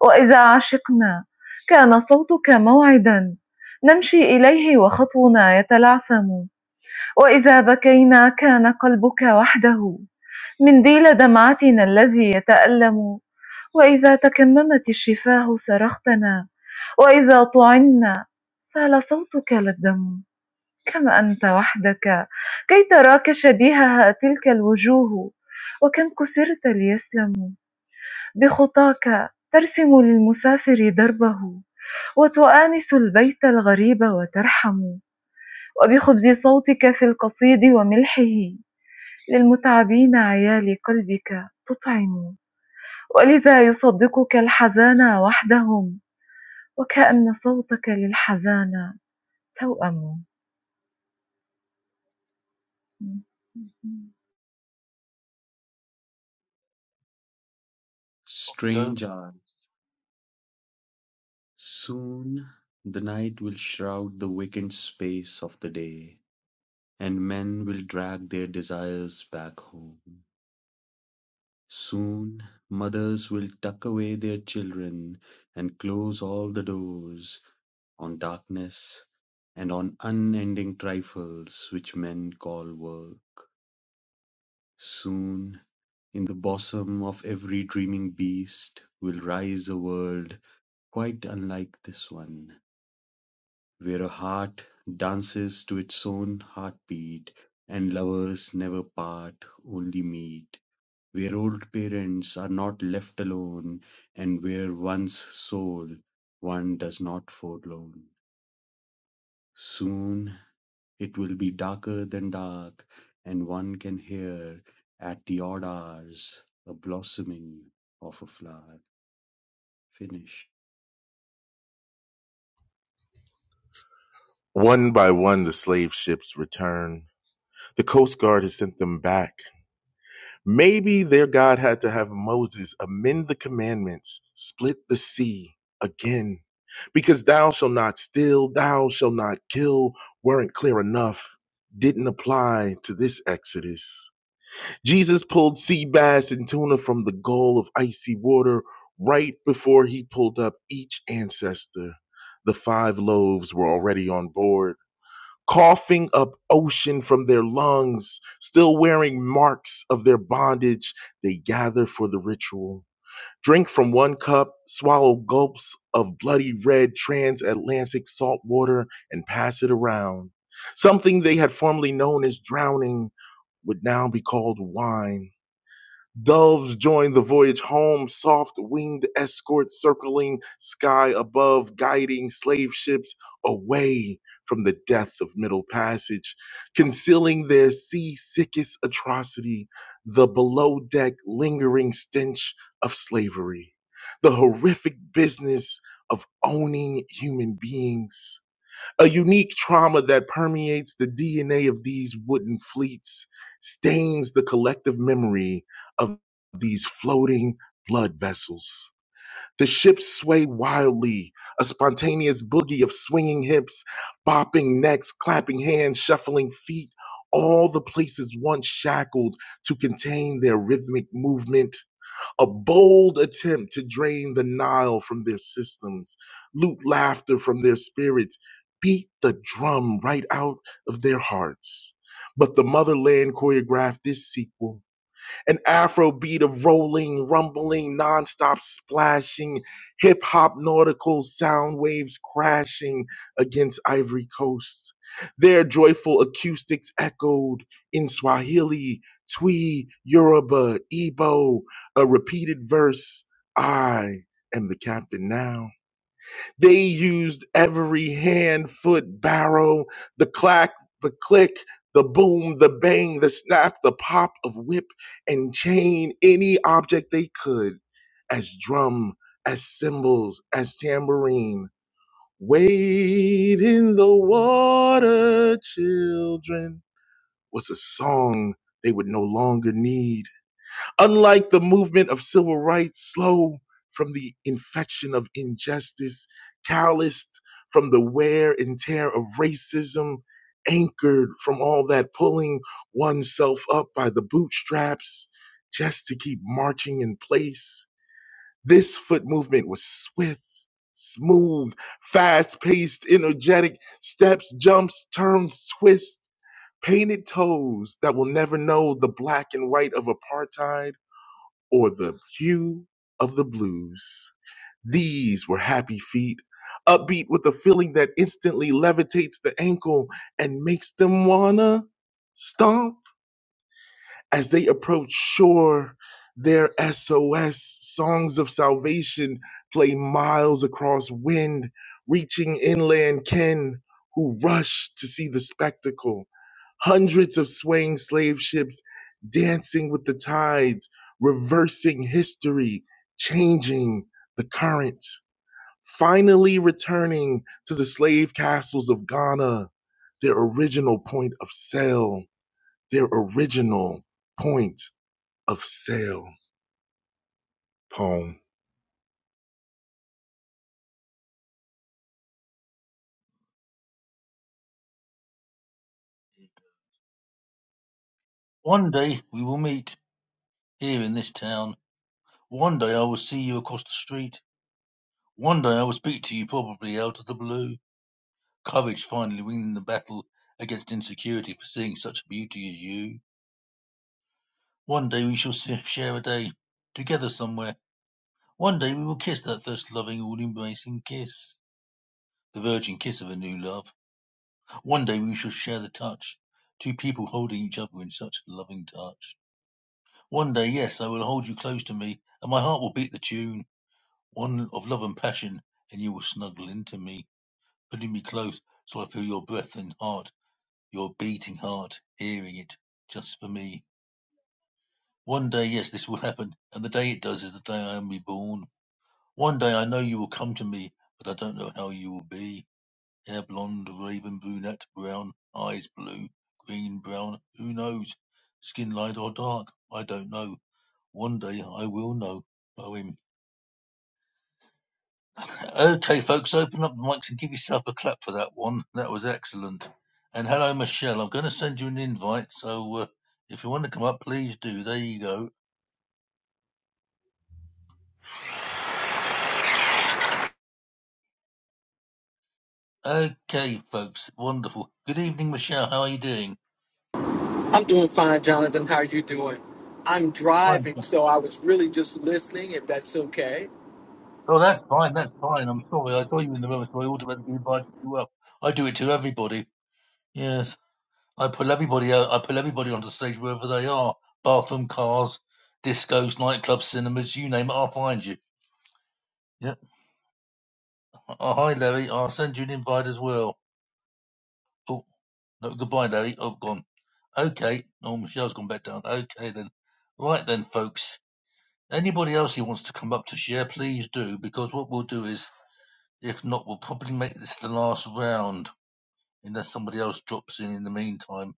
وإذا عشقنا كان صوتك موعدا نمشي إليه وخطونا يتلعثم وإذا بكينا كان قلبك وحده منديل دمعتنا الذي يتألم وإذا تكممت الشفاه صرختنا وإذا طعنا سال صوتك للدم كم أنت وحدك كي تراك شبيهها تلك الوجوه وكم كسرت ليسلموا بخطاك ترسم للمسافر دربه وتؤانس البيت الغريب وترحم وبخبز صوتك في القصيد وملحه للمتعبين عيال قلبك تطعم ولذا يصدقك الحزان وحدهم وكأن صوتك للحزان توأم
off you go.
Strange hour. Soon the night will shroud the vacant space of the day, and men will drag their desires back home. Soon mothers will tuck away their children and close all the doors on darkness and on unending trifles which men call work. Soon, in the bosom of every dreaming beast, will rise a world quite unlike this one Where a heart dances to its own heartbeat and lovers never part, only meet. Where old parents are not left alone and where one's soul one does not forlorn. Soon it will be darker than dark and one can hear at the odd hours a blossoming of a flower. Finish.
One by one, the slave ships return. The Coast Guard has sent them back. Maybe their God had to have Moses amend the commandments, split the sea again, because thou shalt not steal, thou shalt not kill weren't clear enough, didn't apply to this Exodus. Jesus pulled sea bass and tuna from the goal of icy water right before he pulled up each ancestor. The five loaves were already on board coughing up ocean from their lungs, still wearing marks of their bondage, they gather for the ritual. Drink from one cup, swallow gulps of bloody red transatlantic salt water, and pass it around. Something they had formerly known as drowning would now be called wine. Doves join the voyage home, soft winged escorts circling sky above, guiding slave ships away from the death of Middle Passage, concealing their sea sickest atrocity, the below deck lingering stench of slavery, the horrific business of owning human beings a unique trauma that permeates the DNA of these wooden fleets, stains the collective memory of these floating blood vessels. The ships sway wildly, a spontaneous boogie of swinging hips, bopping necks, clapping hands, shuffling feet, all the places once shackled to contain their rhythmic movement a bold attempt to drain the Nile from their systems, loot laughter from their spirits, beat the drum right out of their hearts. But the motherland choreographed this sequel an afro beat of rolling, rumbling, nonstop splashing, hip hop nautical sound waves crashing against Ivory Coast. Their joyful acoustics echoed in Swahili, Twi, Yoruba, Igbo, a repeated verse I am the captain now. They used every hand, foot, barrel, the clack, the click, the boom, the bang, the snap, the pop of whip and chain, any object they could, as drum, as cymbals, as tambourine. Wade in the water, children, was a song they would no longer need Unlike the movement of civil rights, slow from the infection of injustice, calloused from the wear and tear of racism, anchored from all that pulling oneself up by the bootstraps just to keep marching in place, this foot movement was swift. Smooth, fast paced, energetic steps, jumps, turns, twists, painted toes that will never know the black and white of apartheid or the hue of the blues. These were happy feet, upbeat with a feeling that instantly levitates the ankle and makes them wanna stomp as they approach shore, their SOS songs of salvation play miles across wind, reaching inland ken who rush to see the spectacle. Hundreds of swaying slave ships dancing with the tides, reversing history, changing the current. Finally returning to the slave castles of Ghana, their original point of sale, their original point of Sale poem.
One day we will meet here in this town. One day I will see you across the street. One day I will speak to you probably out of the blue. Courage finally winning the battle against insecurity for seeing such beauty as you. One day we shall si- share a day together somewhere. One day we will kiss that thirst loving, all embracing kiss, the virgin kiss of a new love. One day we shall share the touch, two people holding each other in such loving touch. One day, yes, I will hold you close to me, and my heart will beat the tune, one of love and passion, and you will snuggle into me, pulling me close so I feel your breath and heart, your beating heart, hearing it just for me. One day, yes, this will happen, and the day it does is the day I am reborn One day I know you will come to me, but I don't know how you will be. Hair blonde, raven brunette, brown, eyes blue, green, brown, who knows? Skin light or dark, I don't know. One day I will know. Poem. Okay, folks, open up the mics and give yourself a clap for that one. That was excellent. And hello, Michelle. I'm going to send you an invite, so uh, if you want to come up, please do. There you go. Okay, folks, wonderful. Good evening, Michelle. How are you doing?
I'm doing fine, Jonathan. How are you doing? I'm
Fine.
driving, so I was really just listening, if that's okay.
Oh, that's fine. That's fine. I'm sorry. I saw you in the room, so I automatically invited you up. I do it to everybody. Yes, I pull everybody out. I pull everybody onto stage wherever they are. Bathroom, cars, discos, nightclubs, cinemas, you name it. I'll find you. Yeah. Oh, hi, Larry. I'll send you an invite as well. Oh, no, goodbye, Larry. I've gone. Okay. Oh, Michelle's gone back down. Okay then. Right then, folks. Anybody else who wants to come up to share, please do, because what we'll do is, if not, we'll probably make this the last round unless somebody else drops in in the meantime.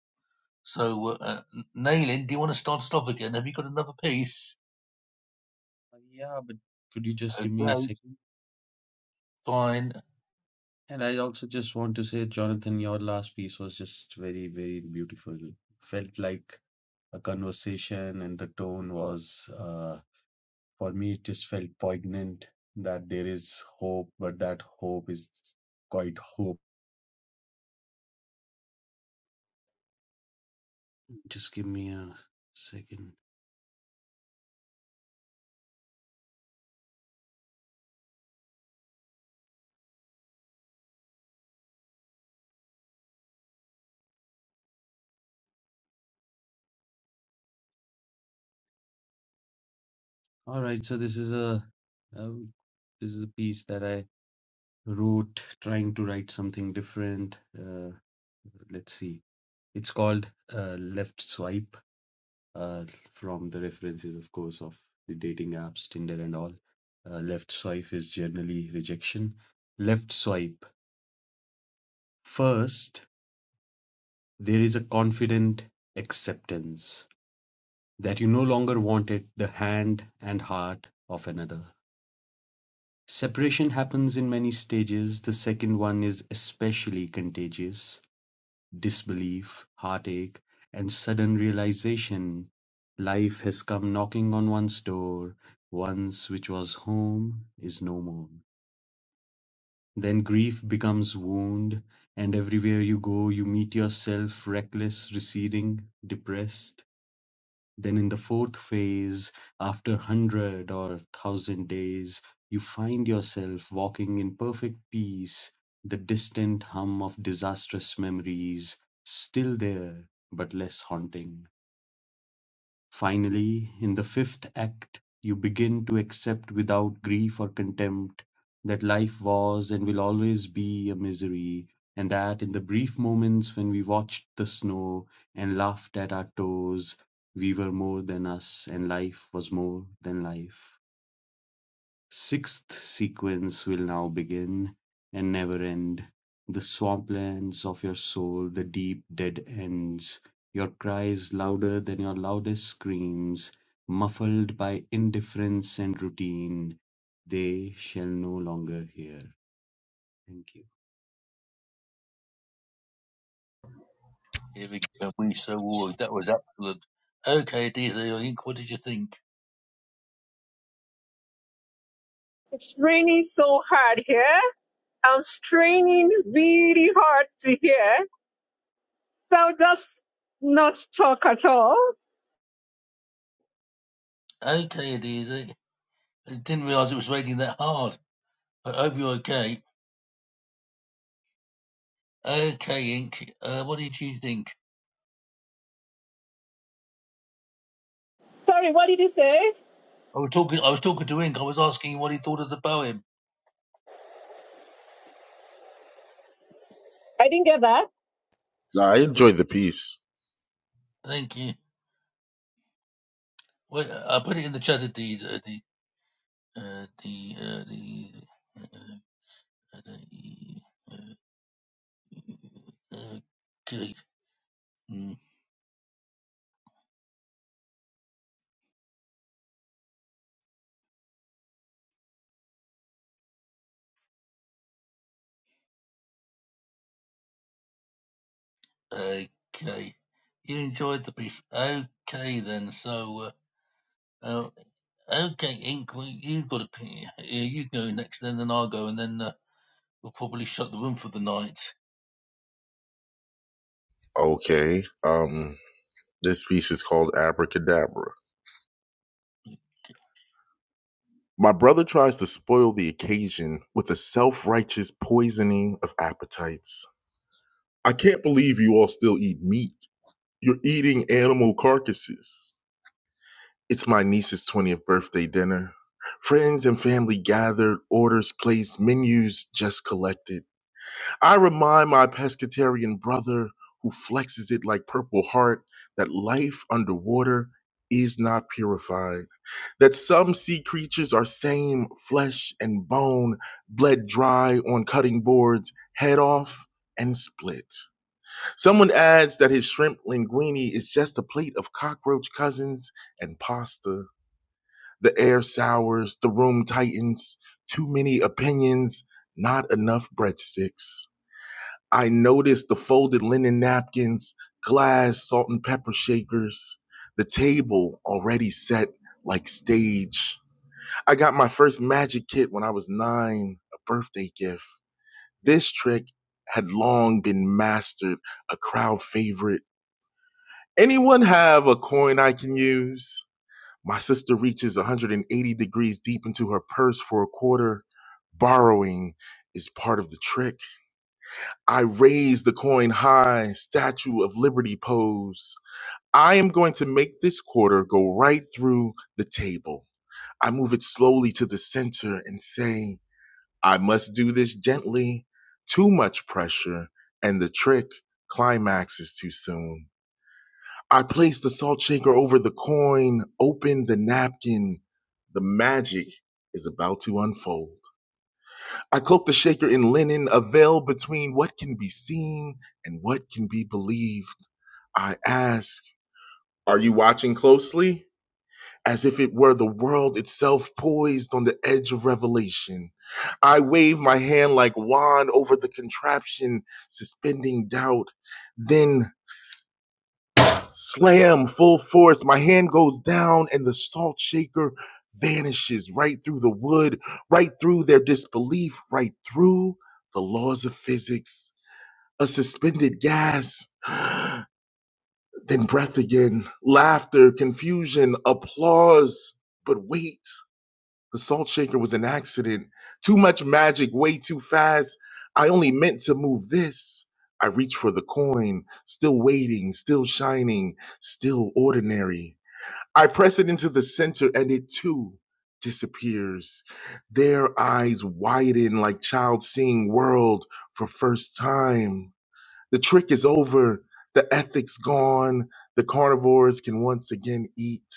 So, uh, uh, Nailin, do you want to start us off again? Have you got another piece?
Uh, Yeah, but could you just give me a
Okay,
second?
fine.
And I also just want to say, Jonathan, your last piece was just very, very beautiful. Felt like a conversation, and the tone was, uh, for me, it just felt poignant that there is hope, but that hope is quite hope. Just give me a second. All right, so this is a um, this is a piece that I wrote trying to write something different. Uh, let's see. It's called uh, Left Swipe uh, from the references, of course, of the dating apps, Tinder and all. Uh, left swipe is generally rejection. Left swipe. First, there is a confident acceptance that you no longer wanted the hand and heart of another. Separation happens in many stages. The second one is especially contagious Disbelief, heartache, and sudden realization life has come knocking on one's door, once which was home is no more. Then grief becomes wound, and everywhere you go, you meet yourself reckless, receding, depressed. Then in the fourth phase, after 100 or 1000 days, you find yourself walking in perfect peace, the distant hum of disastrous memories still there but less haunting. Finally, in the fifth act, you begin to accept without grief or contempt that life was and will always be a misery, and that in the brief moments when we watched the snow and laughed at our toes, we were more than us and life was more than life. Sixth sequence will now begin, and never end, the swamplands of your soul, the deep dead ends, your cries louder than your loudest screams, muffled by indifference and routine, they shall no longer hear. Thank you.
Here we go. We so worried. That was excellent. Okay, Adizay, I think. What did you think?
it's raining so hard here. I'm straining really hard to hear. So I'll just not talk at all.
Okay, Adizay. I didn't realise it was raining that hard. But I hope you're okay. Okay, Ink. Uh, what did you think?
Sorry, what did you say?
I was talking. I was talking to Ink. I was asking what he thought of the poem.
Huh?
Nah, I
It's,
enjoyed the piece.
thank you. Well, I put it in the chat, Adiz. Uh, the uh, the uh, Okay. Mm, Okay. You enjoyed the piece. Okay, then. So, uh, uh, okay, Ink, well, you've got a p- uh, You go next, then, then I'll go, and then uh, we'll probably shut the room for the night. It
Okay. Um, this piece is called Abracadabra. My brother tries to spoil the occasion with a self righteous poisoning of appetites. I can't believe you all still eat meat. You're eating animal carcasses. It's my niece's 20th birthday dinner. Friends and family gathered, orders placed, menus just collected. I remind my pescatarian brother who flexes it like Purple Heart that life underwater is not purified, that some sea creatures are same flesh and bone, bled dry on cutting boards, head off and split. Someone adds that his shrimp linguine is just a plate of cockroach cousins and pasta. The air sours, the room tightens, too many opinions, not enough breadsticks. I noticed the folded linen napkins, glass, salt and pepper shakers, the table already set like stage. I got my first magic kit when I was nine, a birthday gift. This trick had long been mastered, a crowd favorite. Anyone have a coin I can use? My sister reaches 180 degrees deep into her purse for a quarter. Borrowing is part of the trick. I raise the coin high, Statue of Liberty pose. I am going to make this quarter go right through the table. I move it slowly to the center and say, I must do this gently. Too much pressure, and the trick climaxes too soon. I place the salt shaker over the coin, open the napkin. The magic is about to unfold. I cloak the shaker in linen, a veil between what can be seen and what can be believed. I ask, Are you watching closely? As if it were the world itself poised on the edge of revelation. I wave my hand like wand over the contraption, suspending doubt. Then Slam, full force. My hand goes down, and the salt shaker vanishes right through the wood, right through their disbelief, right through the laws of physics. A suspended gas, then breath again, laughter, confusion, applause. But wait. The salt shaker was an accident. Too much magic, way too fast. I only meant to move this. I reached for the coin, still waiting, still shining, still ordinary. I press it into the center and it too disappears. Their eyes widen like child seeing world for first time. The trick is over, the ethics gone. The carnivores can once again eat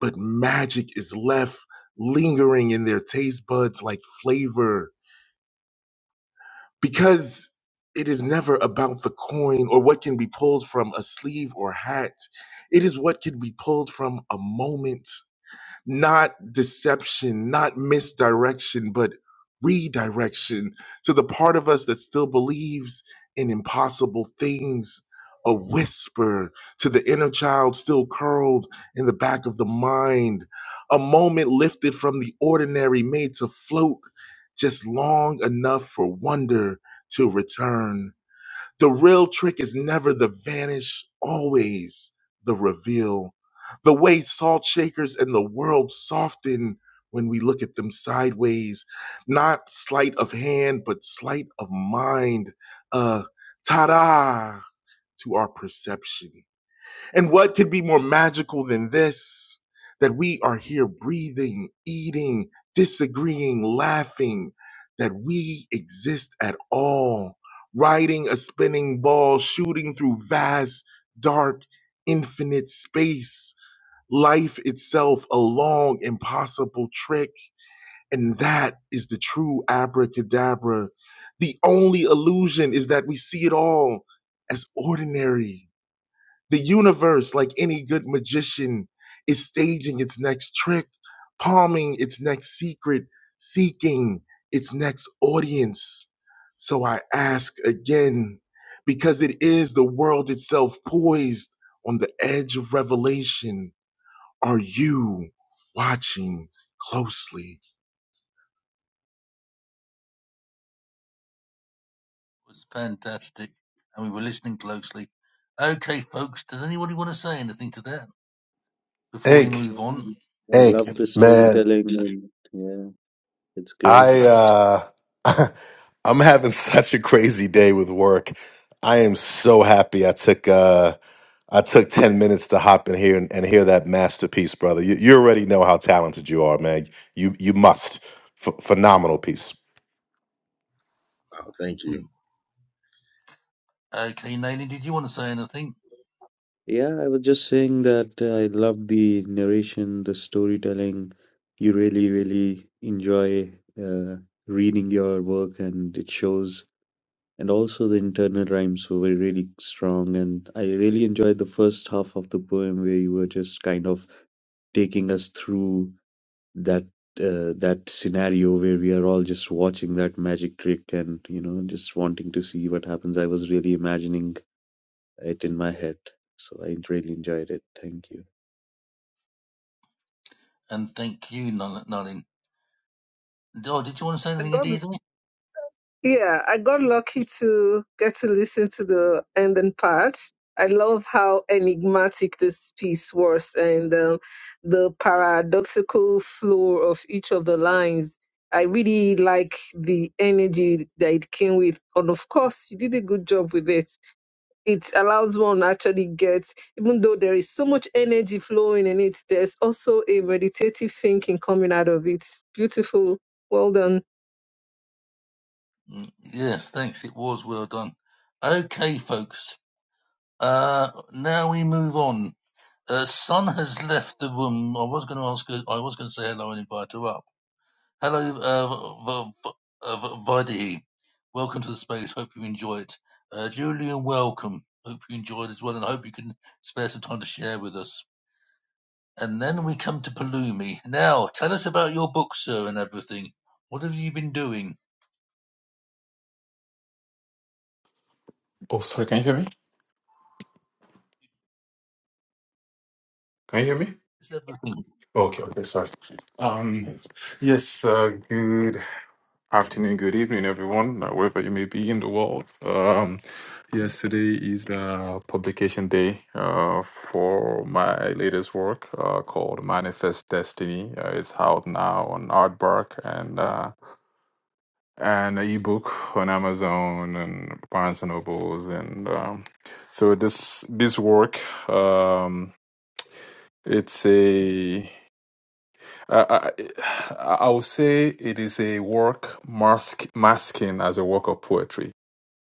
but magic is left lingering in their taste buds like flavor because it is never about the coin or what can be pulled from a sleeve or hat. It is what can be pulled from a moment not deception, not misdirection, but redirection to the part of us that still believes in impossible things. A whisper to the inner child still curled in the back of the mind, a moment lifted from the ordinary, made to float just long enough for wonder to return. The real trick is never the vanish, always the reveal. The way salt shakers and the world soften when we look at them sideways, not sleight of hand, but sleight of mind. Uh, ta da to our perception. And what could be more magical than this? That we are here breathing, eating, disagreeing, laughing, that we exist at all, riding a spinning ball, shooting through vast, dark, infinite space, life itself a long, impossible trick. And that is the true abracadabra. The only illusion is that we see it all as ordinary the universe, like any good magician, is staging its next trick, palming its next secret, seeking its next audience. So I ask again, because it is the world itself poised on the edge of revelation. Are you watching closely?
was fantastic. And we were listening closely. Okay, folks, does anybody want to say anything to that before we
Ink,
move on?
Yeah, I
Ink,
love the
man,
storytelling and yeah, it's great.
I
Thank
uh I'm having such a crazy day with work. I am so happy I took uh I took 10 minutes to hop in here and, and hear that masterpiece, brother. You, you already know how talented you are, man. You you must. Ph- phenomenal piece.
you. Okay, Nalin, did you want to say anything?
Yeah, I was just saying that uh, I love the narration, the storytelling. You really, really enjoy uh, reading your work, and it shows. And also the internal rhymes were really strong. And I really enjoyed the first half of the poem where you were just kind of taking us through that uh, that scenario where we are all just watching that magic trick and you know just wanting to see what happens. I was really imagining it in my head, so I really enjoyed it. Thank you.
And thank you, Nal- Nalin. Oh, did you want to say anything,
God
Aditi?
Yeah, I got lucky to get to listen to the ending part. I love how enigmatic this piece was and um, the paradoxical flow of each of the lines. I really like the energy that it came with. And of course, you did a good job with it. It allows one actually get, even though there is so much energy flowing in it, there's also a meditative thinking coming out of it. Beautiful. Well done.
Mm, Yes, thanks. It was well done. Okay, folks. Uh, now we move on. Uh, Sun has left the room. I was going to ask her. I was going to say hello and invite her up. Hello, uh, v- v- uh, v- Vaidehi. Welcome to the space. Hope you enjoy it. Uh, Julian, welcome. Hope you enjoyed as well, and I hope you can spare some time to share with us. And then we come to Palumi. Now, tell us about your book, sir, and everything. What have you been doing?
Oh, sorry. Can you hear me? Can you hear me?
It's everything.
Okay. Okay. Sorry. Um. Yes. Uh, good afternoon. Good evening, everyone, uh, wherever you may be in the world. Um. Yesterday is uh, publication day. Uh, for my latest work, uh, called Manifest Destiny. Uh, it's out now on Artbark and uh, and an ebook on Amazon and Barnes and Nobles and um. So this this work um. It's a I, I, I would say it is a work mask, masking as a work of poetry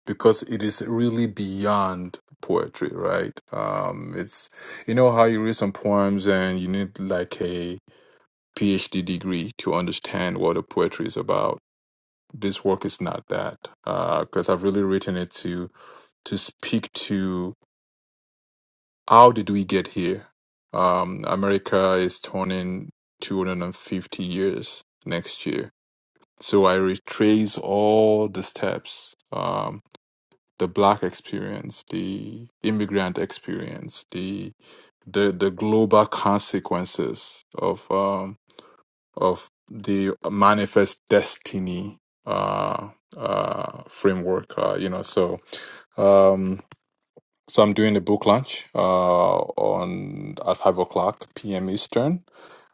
because it is really beyond poetry, right? Um, it's you know how you read some poems and you need like a PhD degree to understand what the poetry is about. This work is not that because I've really written it to to speak to how did we get here? Um, America is turning 250 years next year So I retrace all the steps, um, the black experience, the immigrant experience, the the the global consequences of um, of the manifest destiny uh, uh, framework. Uh, you know, so. Um, so I'm doing a book launch uh, on at five o'clock p.m. Eastern.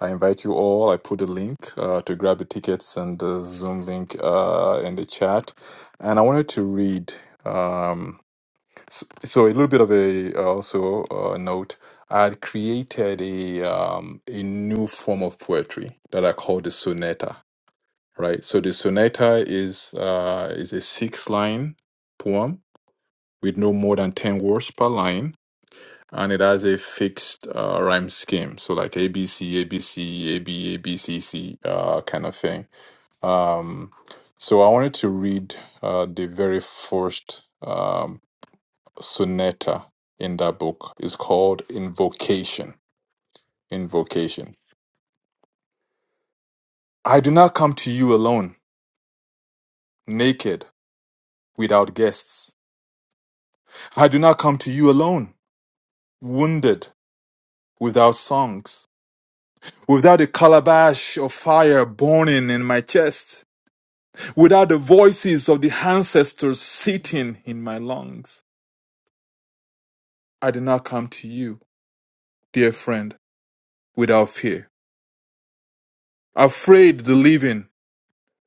I invite you all. I put the link uh, to grab the tickets and the Zoom link uh, in the chat. And I wanted to read. Um, so, so a little bit of a uh, also uh, note. I had created a um, a new form of poetry that I call the sonata. Right. So the sonata is uh, is a six line poem with no more than ten words per line and it has a fixed uh, rhyme scheme, so like A B C A B C A B A B C C uh, kind of thing. Um, so I wanted to read uh, the very first um, sonata in that book. It's called Invocation. Invocation. I do not come to you alone, naked, without guests. I do not come to you alone, wounded, without songs, without a calabash of fire burning in my chest. Without the voices of the ancestors sitting in my lungs, I did not come to you, dear friend, without fear. Afraid the living,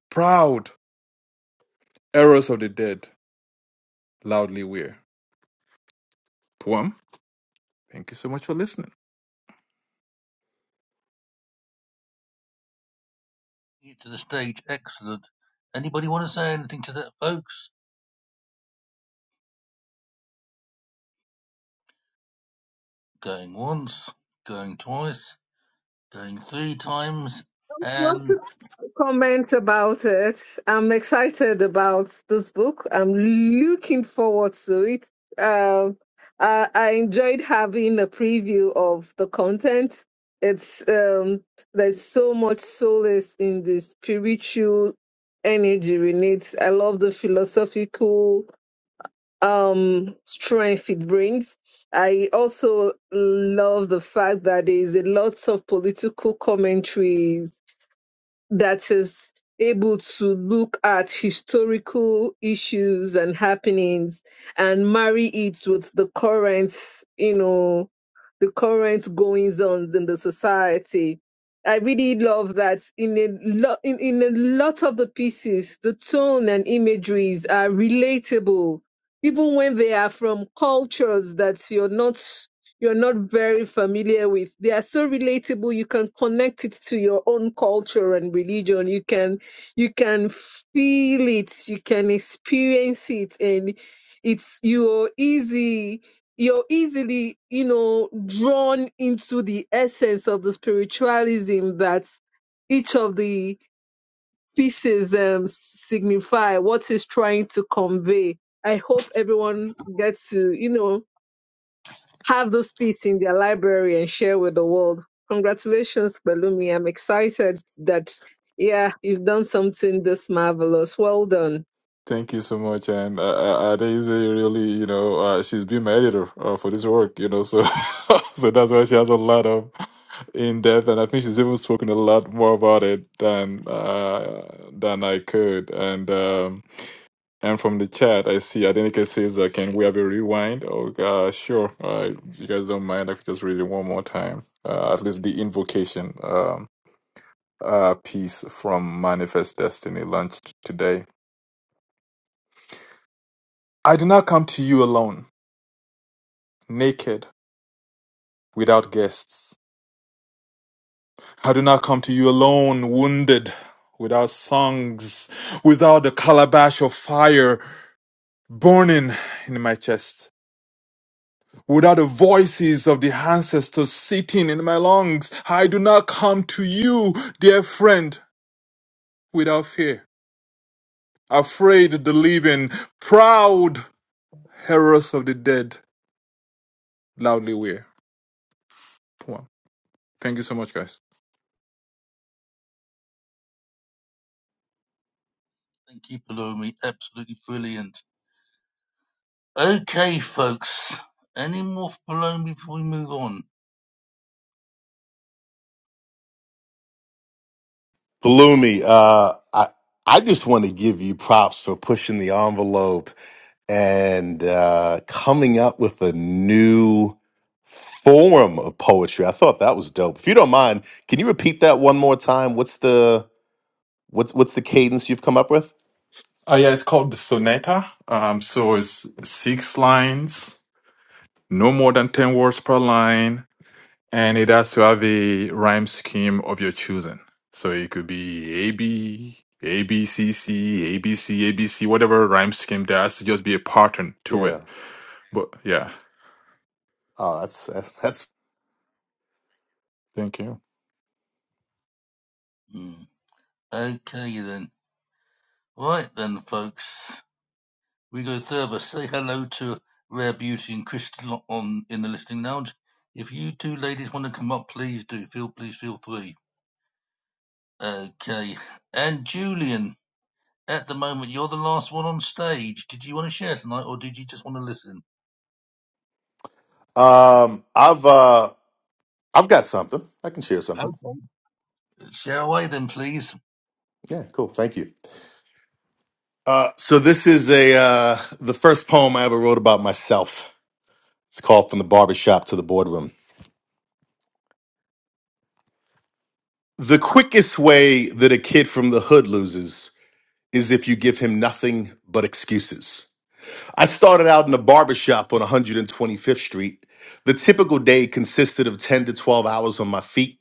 proud, errors of the dead, loudly we Poem, thank you so much for listening.
to the stage, excellent. Anybody want to say anything to that, folks? Going once, going twice, going three times,
lots
and
of comments about it. I'm excited about this book. I'm looking forward to it. Um, I, I enjoyed having a preview of the content. It's um, there's so much solace in the spiritual energy we need. I love the philosophical um, strength it brings. I also love the fact that there is a lot of political commentaries that is able to look at historical issues and happenings and marry it with the current, you know, the current goings ons in the society. I really love that in a lo- in, in a lot of the pieces, the tone and imageries are relatable, even when they are from cultures that you're not you're not very familiar with. They are so relatable. You can connect it to your own culture and religion. You can you can feel it. You can experience it, and it's you're easy. You're easily, you know, drawn into the essence of the spiritualism that each of the pieces um, signify what is trying to convey. I hope everyone gets to, you know, have those pieces in their library and share with the world. Congratulations, Balumi. I'm excited that, yeah, you've done something this marvelous. Well done.
Thank you so much, and uh, uh, really, you know, uh, she's been my editor uh, for this work, you know, so so that's why she has a lot of in depth, and I think she's even spoken a lot more about it than uh, than I could, and. um, And from the chat, I see Adenike says, uh, "Can we have a rewind?" Oh, uh, sure. Uh, if you guys don't mind, I could just read it one more time. Uh, at least the invocation um, uh, piece from Manifest Destiny launched today. I do not come to you alone, naked, without guests. I do not come to you alone, wounded, without songs, without the calabash of fire burning in my chest. Without the voices of the ancestors sitting in my lungs, I do not come to you, dear friend, without fear. Afraid of the living, proud heroes of the dead, loudly we're. Poem. Thank you so much, guys.
thank you, Palomi. Absolutely brilliant. Okay, folks. Any more for Palomi before we move on?
Bloomy, uh, I I just want to give you props for pushing the envelope and uh, coming up with a new form of poetry. I thought that was dope. If you don't mind, can you repeat that one more time? What's the what's what's the cadence you've come up with?
Oh yeah, it's called the Sonata. Um, so it's six lines, no more than ten words per line. And it has to have a rhyme scheme of your choosing. So it could be A B, A B C C, A B C, A B C, whatever rhyme scheme there has to just be a pattern to it.
Yeah.
But yeah.
Oh, that's that's, that's
Thank you.
Hmm. Okay, then. Right, then, folks. We go further. Say hello to Rare Beauty and Crystal on in the listening lounge. If you two ladies want to come up, please do. Feel please feel free. Okay. And Julian. At the moment, you're the last one on stage. Did you want to share tonight, or did you just want to listen?
Um, I've uh, I've got something. I can share something.
Okay. Share away then, please.
Yeah, cool. Thank you. Uh, so this is a uh, the first poem I ever wrote about myself. It's called "From the Barbershop to the Boardroom." The quickest way that a kid from the hood loses is if you give him nothing but excuses. I started out in a barbershop on 125th Street. The typical day consisted of 10 to 12 hours on my feet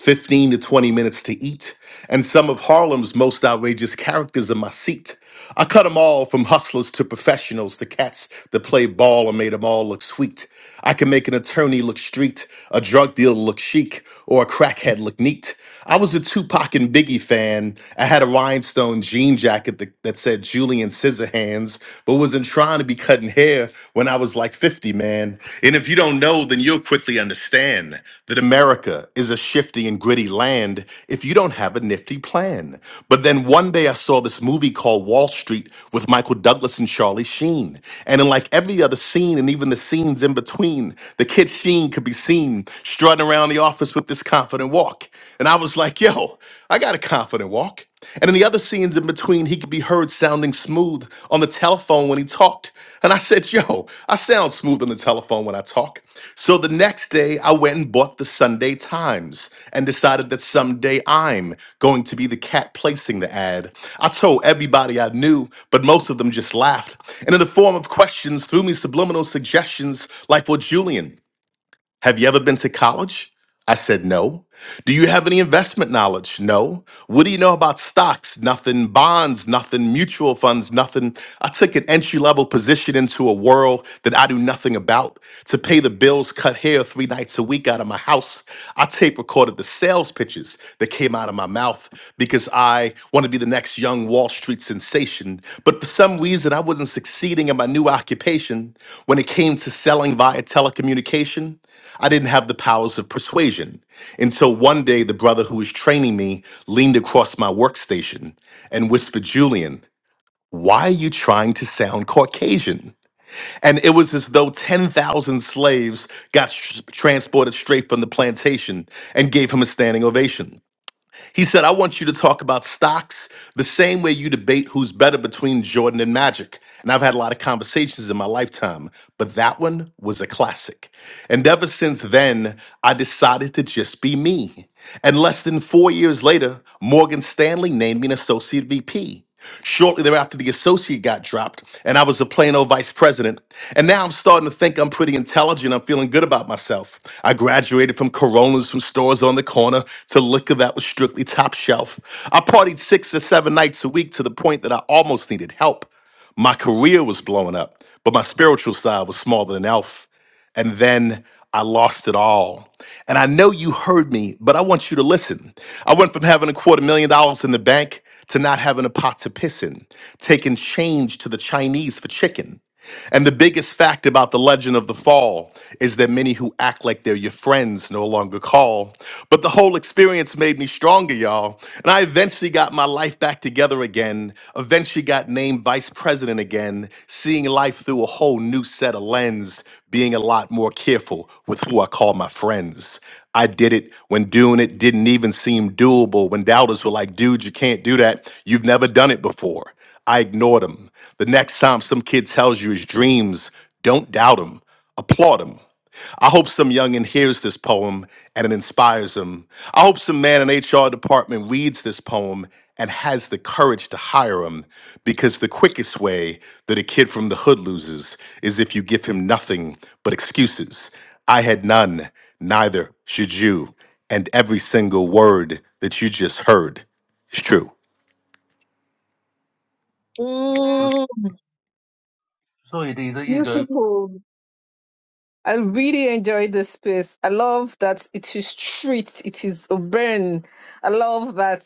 15 to 20 minutes to eat, and some of Harlem's most outrageous characters in my seat. I cut 'em all from hustlers to professionals to cats that play ball and made 'em all look sweet. I can make an attorney look street, a drug dealer look chic, or a crackhead look neat. I was a Tupac and Biggie fan. I had a rhinestone jean jacket that, that said Julian Scissorhands, but wasn't trying to be cutting hair when I was like 50, man. And if you don't know, then you'll quickly understand that America is a shifty and gritty land if you don't have a nifty plan. But then one day I saw this movie called Wall Street with Michael Douglas and Charlie Sheen. And in like every other scene and even the scenes in between, the kid Sheen could be seen strutting around around the office with this confident walk. And I was like, yo, I got a confident walk. And in the other scenes in between, he could be heard sounding smooth on the telephone when he talked. And I said, yo, I sound smooth on the telephone when I talk. So the next day, I went and bought the Sunday Times and decided that someday I'm going to be the cat placing the ad. I told everybody I knew, but most of them just laughed. And in the form of questions, threw me subliminal suggestions like, well, Julian, have you ever been to college? I said, No. Do you have any investment knowledge? No. What do you know about stocks? Nothing. Bonds? Nothing. Mutual funds? Nothing. I took an entry level position into a world that I knew nothing about to pay the bills, cut hair three nights a week out of my house. I tape recorded the sales pitches that came out of my mouth because I want to be the next young Wall Street sensation. But for some reason, I wasn't succeeding in my new occupation. When it came to selling via telecommunication, I didn't have the powers of persuasion. Until one day, the brother who was training me leaned across my workstation and whispered, Julian, why are you trying to sound Caucasian? And it was as though 10,000 slaves got s- transported straight from the plantation and gave him a standing ovation. He said, I want you to talk about stocks the same way you debate who's better between Jordan and Magic. And I've had a lot of conversations in my lifetime, but that one was a classic. And ever since then, I decided to just be me. And less than four years later, Morgan Stanley named me an associate VP. Shortly thereafter, the associate got dropped, and I was the plain old vice president. And now I'm starting to think I'm pretty intelligent. I'm feeling good about myself. I graduated from Coronas from stores on the corner to liquor that was strictly top shelf. I partied six to seven nights a week to the point that I almost needed help. My career was blowing up, but my spiritual side was smaller than Elf. And then I lost it all. And I know you heard me, but I want you to listen. I went from having a quarter million dollars in the bank to not having a pot to piss in, taking change to the Chinese for chicken. And the biggest fact about the legend of the fall is that many who act like they're your friends no longer call. But the whole experience made me stronger, y'all. And I eventually got my life back together again. Eventually got named vice president again, seeing life through a whole new set of lens, being a lot more careful with who I call my friends. I did it when doing it didn't even seem doable, when doubters were like, dude, you can't do that. You've never done it before. I ignored him. The next time some kid tells you his dreams, don't doubt him, applaud him. I hope some youngin' hears this poem and it inspires him. I hope some man in HR department reads this poem and has the courage to hire him because the quickest way that a kid from the hood loses is if you give him nothing but excuses. I had none, neither should you, and every single word that you just heard is true.
Mm,
Sorry, Dee, there you go.
beautiful, I really enjoy this space. I love that it is street, it is urban. I love that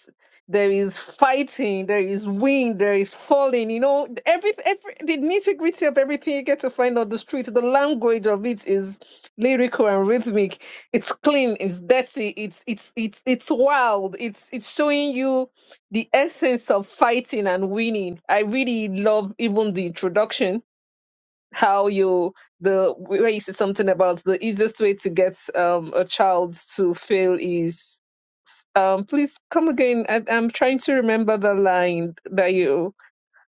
there is fighting, there is wind, there is falling. You know, every, every the nitty gritty of everything you get to find on the street. The language of it is lyrical and rhythmic. It's clean, it's dirty, it's it's it's it's wild. It's it's showing you the essence of fighting and winning. I really love even the introduction how you the where you said something about the easiest way to get um a child to fail is um please come again I, i'm trying to remember the line that you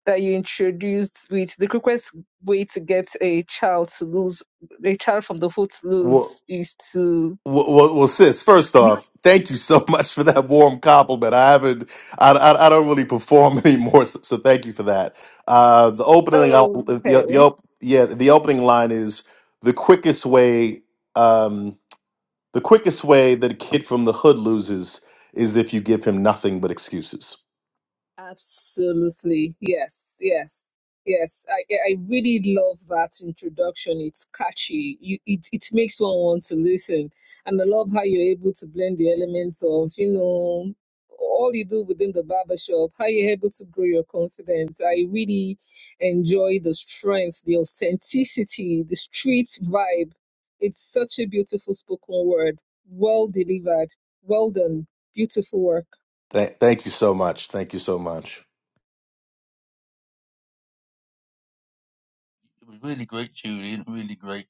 that you introduced with the quickest way to get a child to lose a child from the foot to lose is to
Well, well, well, sis. First off, thank you so much for that warm compliment. I haven't, I, I, I don't really perform anymore, so, so thank you for that. Uh, the opening, uh, the,
okay
the op, yeah, the opening line is the quickest way. Um, the quickest way that a kid from the hood loses is if you give him nothing but excuses.
Absolutely. Yes, yes, yes. I, I I really love that introduction. It's catchy. You, it, it makes one want to listen. And I love how you're able to blend the elements of, you know, all you do within the barbershop, how you're able to grow your confidence. I really enjoy the strength, the authenticity, the street vibe. It's such a beautiful spoken word. Well delivered. Well done. Beautiful work.
Th- thank you so much. Thank you so much,
It was really great, Julian. Really great.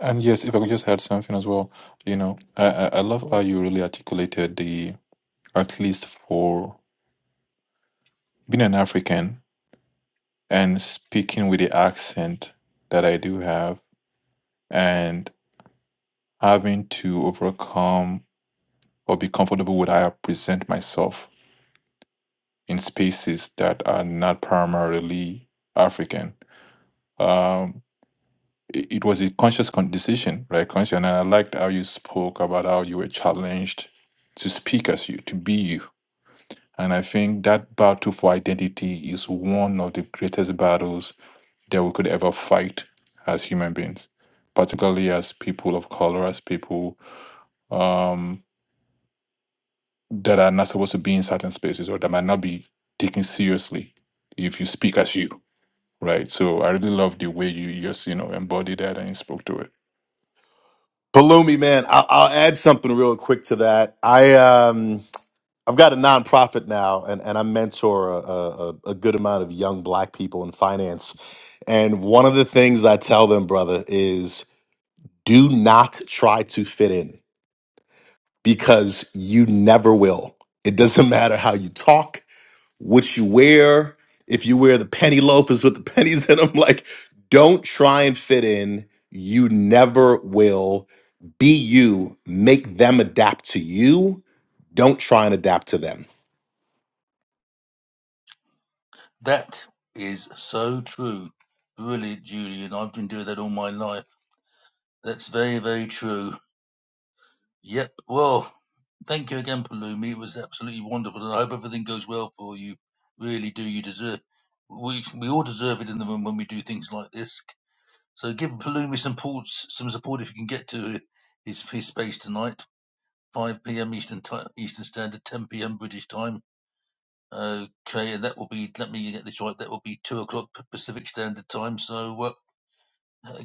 And yes, if I could just add something as well, you know, I, I I love how you really articulated the at least for being an African and speaking with the accent that I do have and having to overcome or be comfortable with how I present myself in species that are not primarily African. Um, it, it was a conscious con- decision, right? Conscious, and I liked how you spoke about how you were challenged to speak as you, to be you. And I think that battle for identity is one of the greatest battles that we could ever fight as human beings, particularly as people of color, as people um, that are not supposed to be in certain spaces or that might not be taken seriously if you speak as you right? So I really love the way you just you know embodied that and spoke to it.
Palumi man. I- I'll add something real quick to that. I um. I've got a nonprofit now, and, and I mentor a, a, a a good amount of young black people in finance. And one of the things I tell them, brother, is do not try to fit in because you never will. It doesn't matter how you talk, what you wear, if you wear the penny loafers with the pennies in them, like, don't try and fit in. You never will. Be you, make them adapt to you. Don't try and adapt to them
That is so true. Brilliant, Julian. I've been doing that all my life. That's very, very true. Yep. Well, thank you again, Palumi. It was absolutely wonderful, and I hope everything goes well for you. Really do. You deserve. We we all deserve it in the room when we do things like this. So give Palumi some ports, some support if you can get to his his space tonight. 5 p.m. Eastern time, Eastern Standard, 10 p.m. British time. Okay, and that will be. Let me get this right. That will be two o'clock Pacific Standard Time. So uh,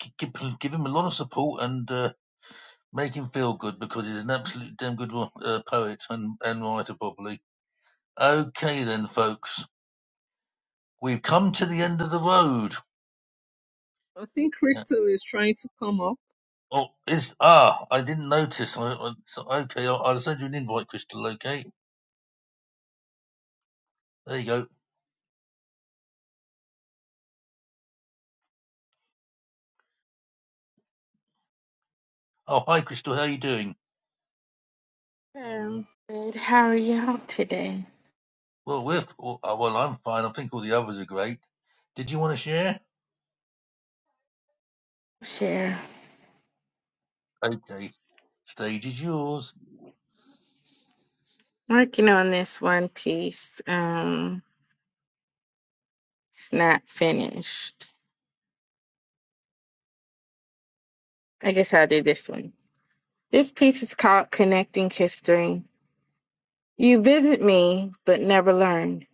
g- give, give him a lot of support and uh, make him feel good because he's an absolutely damn good uh, poet and, and writer, probably. Okay, then, folks, we've come to the end of the road.
I think Crystal is trying to come up.
Oh, is ah, I didn't notice. I, I, so, okay, I'll, I'll send you an invite, Crystal. Okay, there you go. Oh, hi, Crystal. How you doing?
Um, good. How are y'all today?
Well, we're f- oh, uh, well. I'm fine. I think all the others are great. Did you want to share?
Share.
Okay, stage is yours.
Working on this one piece. Um, it's not finished. I guess I'll do this one. This piece is called Connecting History. You visit me, but never learn.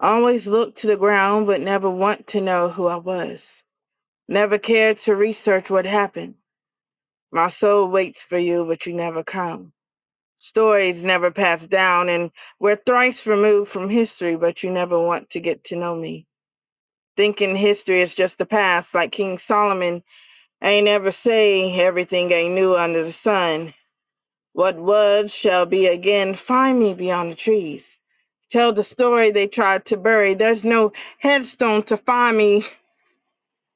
Always look to the ground, but never want to know who I was. Never cared to research what happened. My soul waits for you, but you never come. Stories never pass down, and we're thrice removed from history, but you never want to get to know me. thinking history is just the past, like King Solomon. Ain't ever say everything ain't new under the sun. What was shall be again. Find me beyond the trees. Tell the story they tried to bury. There's no headstone to find me,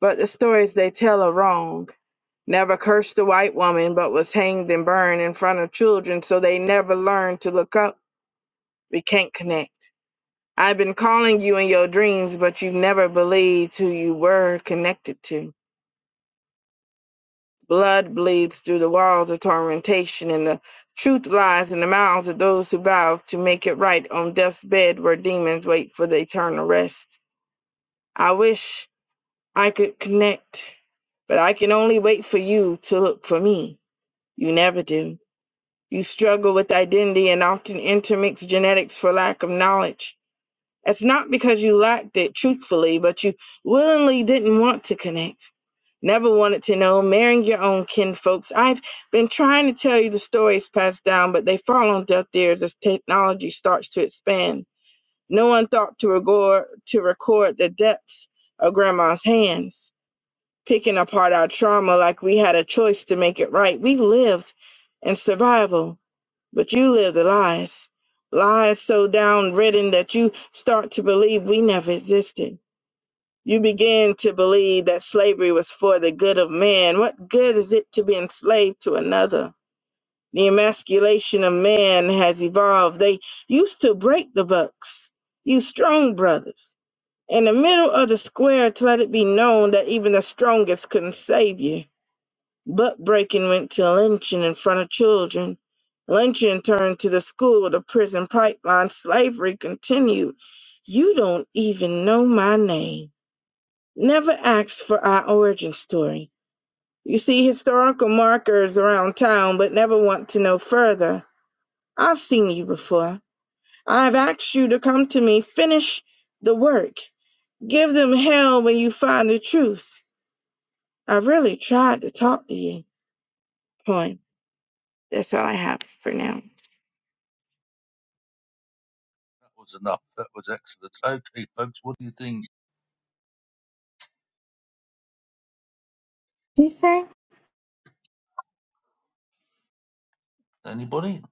but the stories they tell are wrong. Never cursed a white woman, but was hanged and burned in front of children, so they never learned to look up. We can't connect. I've been calling you in your dreams, but you never believed who you were connected to. Blood bleeds through the walls of tormentation, and the truth lies in the mouths of those who vow to make it right on death's bed where demons wait for the eternal rest. I wish I could connect, but I can only wait for you to look for me. You never do. You struggle with identity and often intermix genetics for lack of knowledge. It's not because you lacked it truthfully, but you willingly didn't want to connect. Never wanted to know marrying your own kin folks. I've been trying to tell you the stories passed down, but they fall on deaf ears as technology starts to expand. No one thought to record, to record the depths of grandma's hands, picking apart our trauma like we had a choice to make it right. We lived in survival, but you lived the lies. Lies so downridden that you start to believe we never existed. You begin to believe that slavery was for the good of man. What good is it to be enslaved to another? The emasculation of man has evolved. They used to break the bucks, you strong brothers, in the middle of the square to let it be known that even the strongest couldn't save you. Buck breaking went to lynching in front of children. Lynching turned to the school, the prison pipeline. Slavery continued. You don't even know my name never asks for our origin story. You see historical markers around town, but never want to know further. I've seen you before. I've asked you to come to me, finish the work, give them hell when you find the truth. I really tried to talk to you. Point. That's all I have for now.
That was enough. That was excellent. Okay, folks, what do you think?
You say?
Anybody?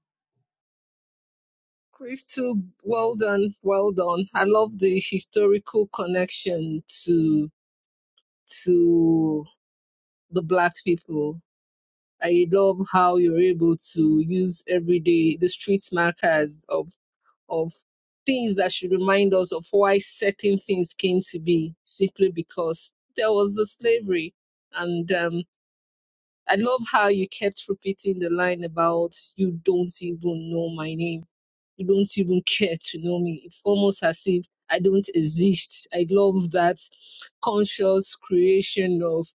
Crystal, well done, well done. I love the historical connection to to the black people. I love how you're able to use everyday the street markers of of things that should remind us of why certain things came to be simply because there was the slavery. And um, I love how you kept repeating the line about you don't even know my name you don't even care to know me. It's almost as if I don't exist. I love that conscious creation of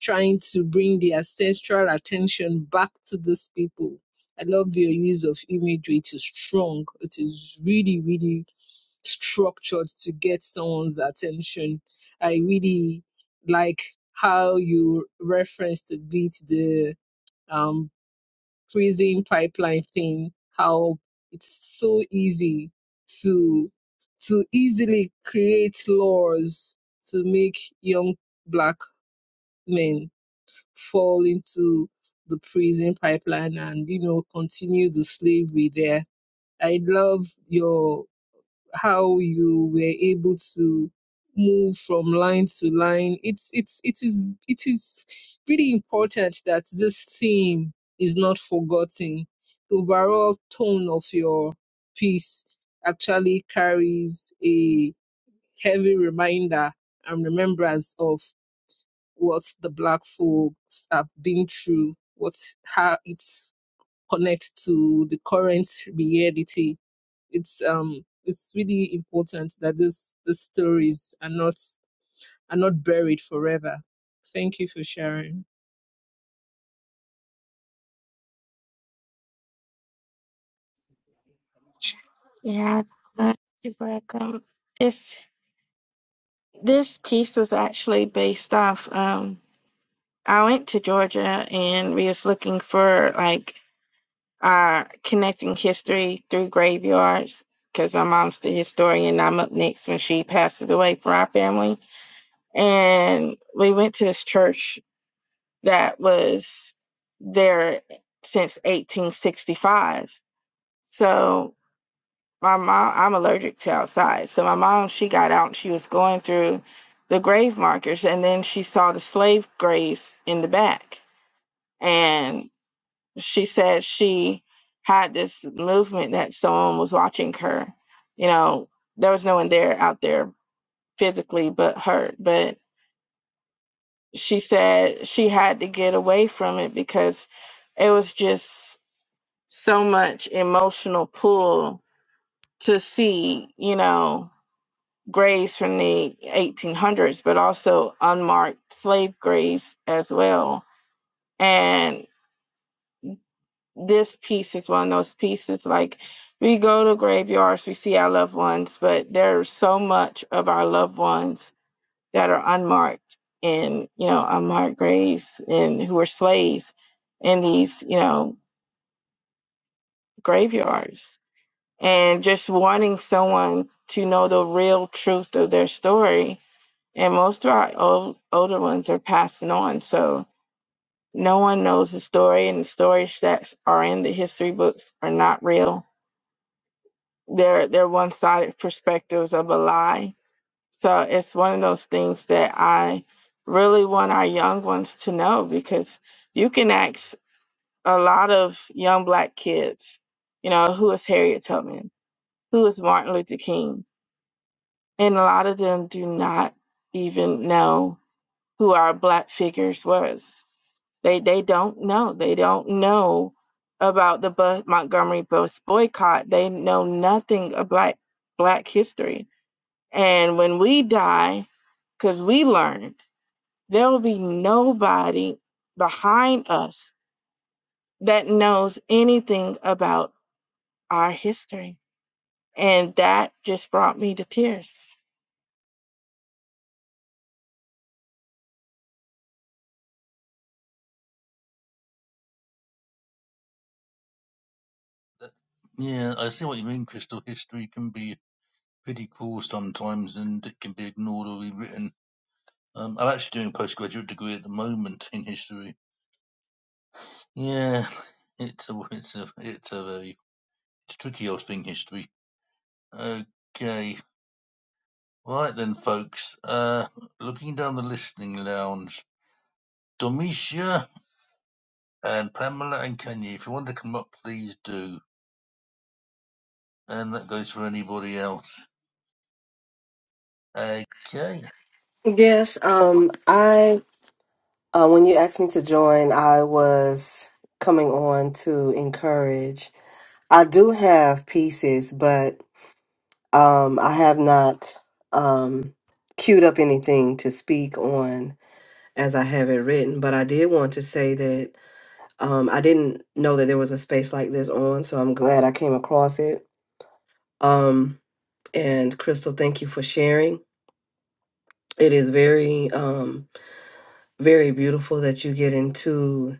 trying to bring the ancestral attention back to these people. I love your use of imagery. It is strong. It is really, really structured to get someone's attention. I really like how you reference a bit the beat prison pipeline thing, how it's so easy to to easily create laws to make young black men fall into the prison pipeline and you know continue the slavery there. I love your how you were able to move from line to line. It's it's it is it is really important that this theme is not forgotten. The overall tone of your piece actually carries a heavy reminder and remembrance of what the black folks have been through, what how it connects to the current reality it's um it's really important that this these stories are not are not buried forever. Thank you for sharing.
Yeah, uh, you're welcome. It's this piece was actually based off. Um, I went to Georgia and we was looking for like uh, connecting history through graveyards because my mom's the historian. I'm up next when she passes away for our family. And we went to this church that was there since 1865. So my mom, I'm allergic to outside. So my mom, she got out and she was going through the grave markers and then she saw the slave graves in the back. And she said she had this movement that someone was watching her. You know, there was no one there out there physically but her. But she said she had to get away from it because it was just so much emotional pull to see, you know, graves from the 1800s, but also unmarked slave graves as well. and. this piece is one of those pieces like we go to graveyards we see our loved ones but there's so much of our loved ones that are unmarked in you know unmarked graves and who are slaves in these you know graveyards and just wanting someone to know the real truth of their story and most of our old, older ones are passing on so no one knows the story and the stories that are in the history books are not real their their one-sided perspectives of a lie. So it's one of those things that I really want our young ones to know because you can ask a lot of young black kids, you know, who is Harriet Tubman? Who is Martin Luther King? And a lot of them do not even know who our black figures was. They they don't know. They don't know about the bus, Montgomery bus boycott. They know nothing about black history And when we die, because we learned there will be nobody behind us that knows anything about our history. And that just brought me to tears.
Yeah, I see what you mean, Crystal. History can be pretty cool sometimes, and it can be ignored or rewritten. Um, I'm actually doing a postgraduate degree at the moment in history. Yeah, it's a it's a it's a very It's tricky hosting history. Okay. Right then, folks. Uh, looking down the listening lounge, Domitia and Pamela and Kenya, if you want to come up, please do. And that goes for anybody else. Okay. And
Yes, um, I uh, when you asked me to join, I was coming on to encourage. I do have pieces, but um, I have not um, queued up anything to speak on as I have it written. But I did want to say that um, I didn't know that there was a space like this on, so I'm glad I came across it. Um, and Crystal, thank you for sharing. It is very, um, very beautiful that you get into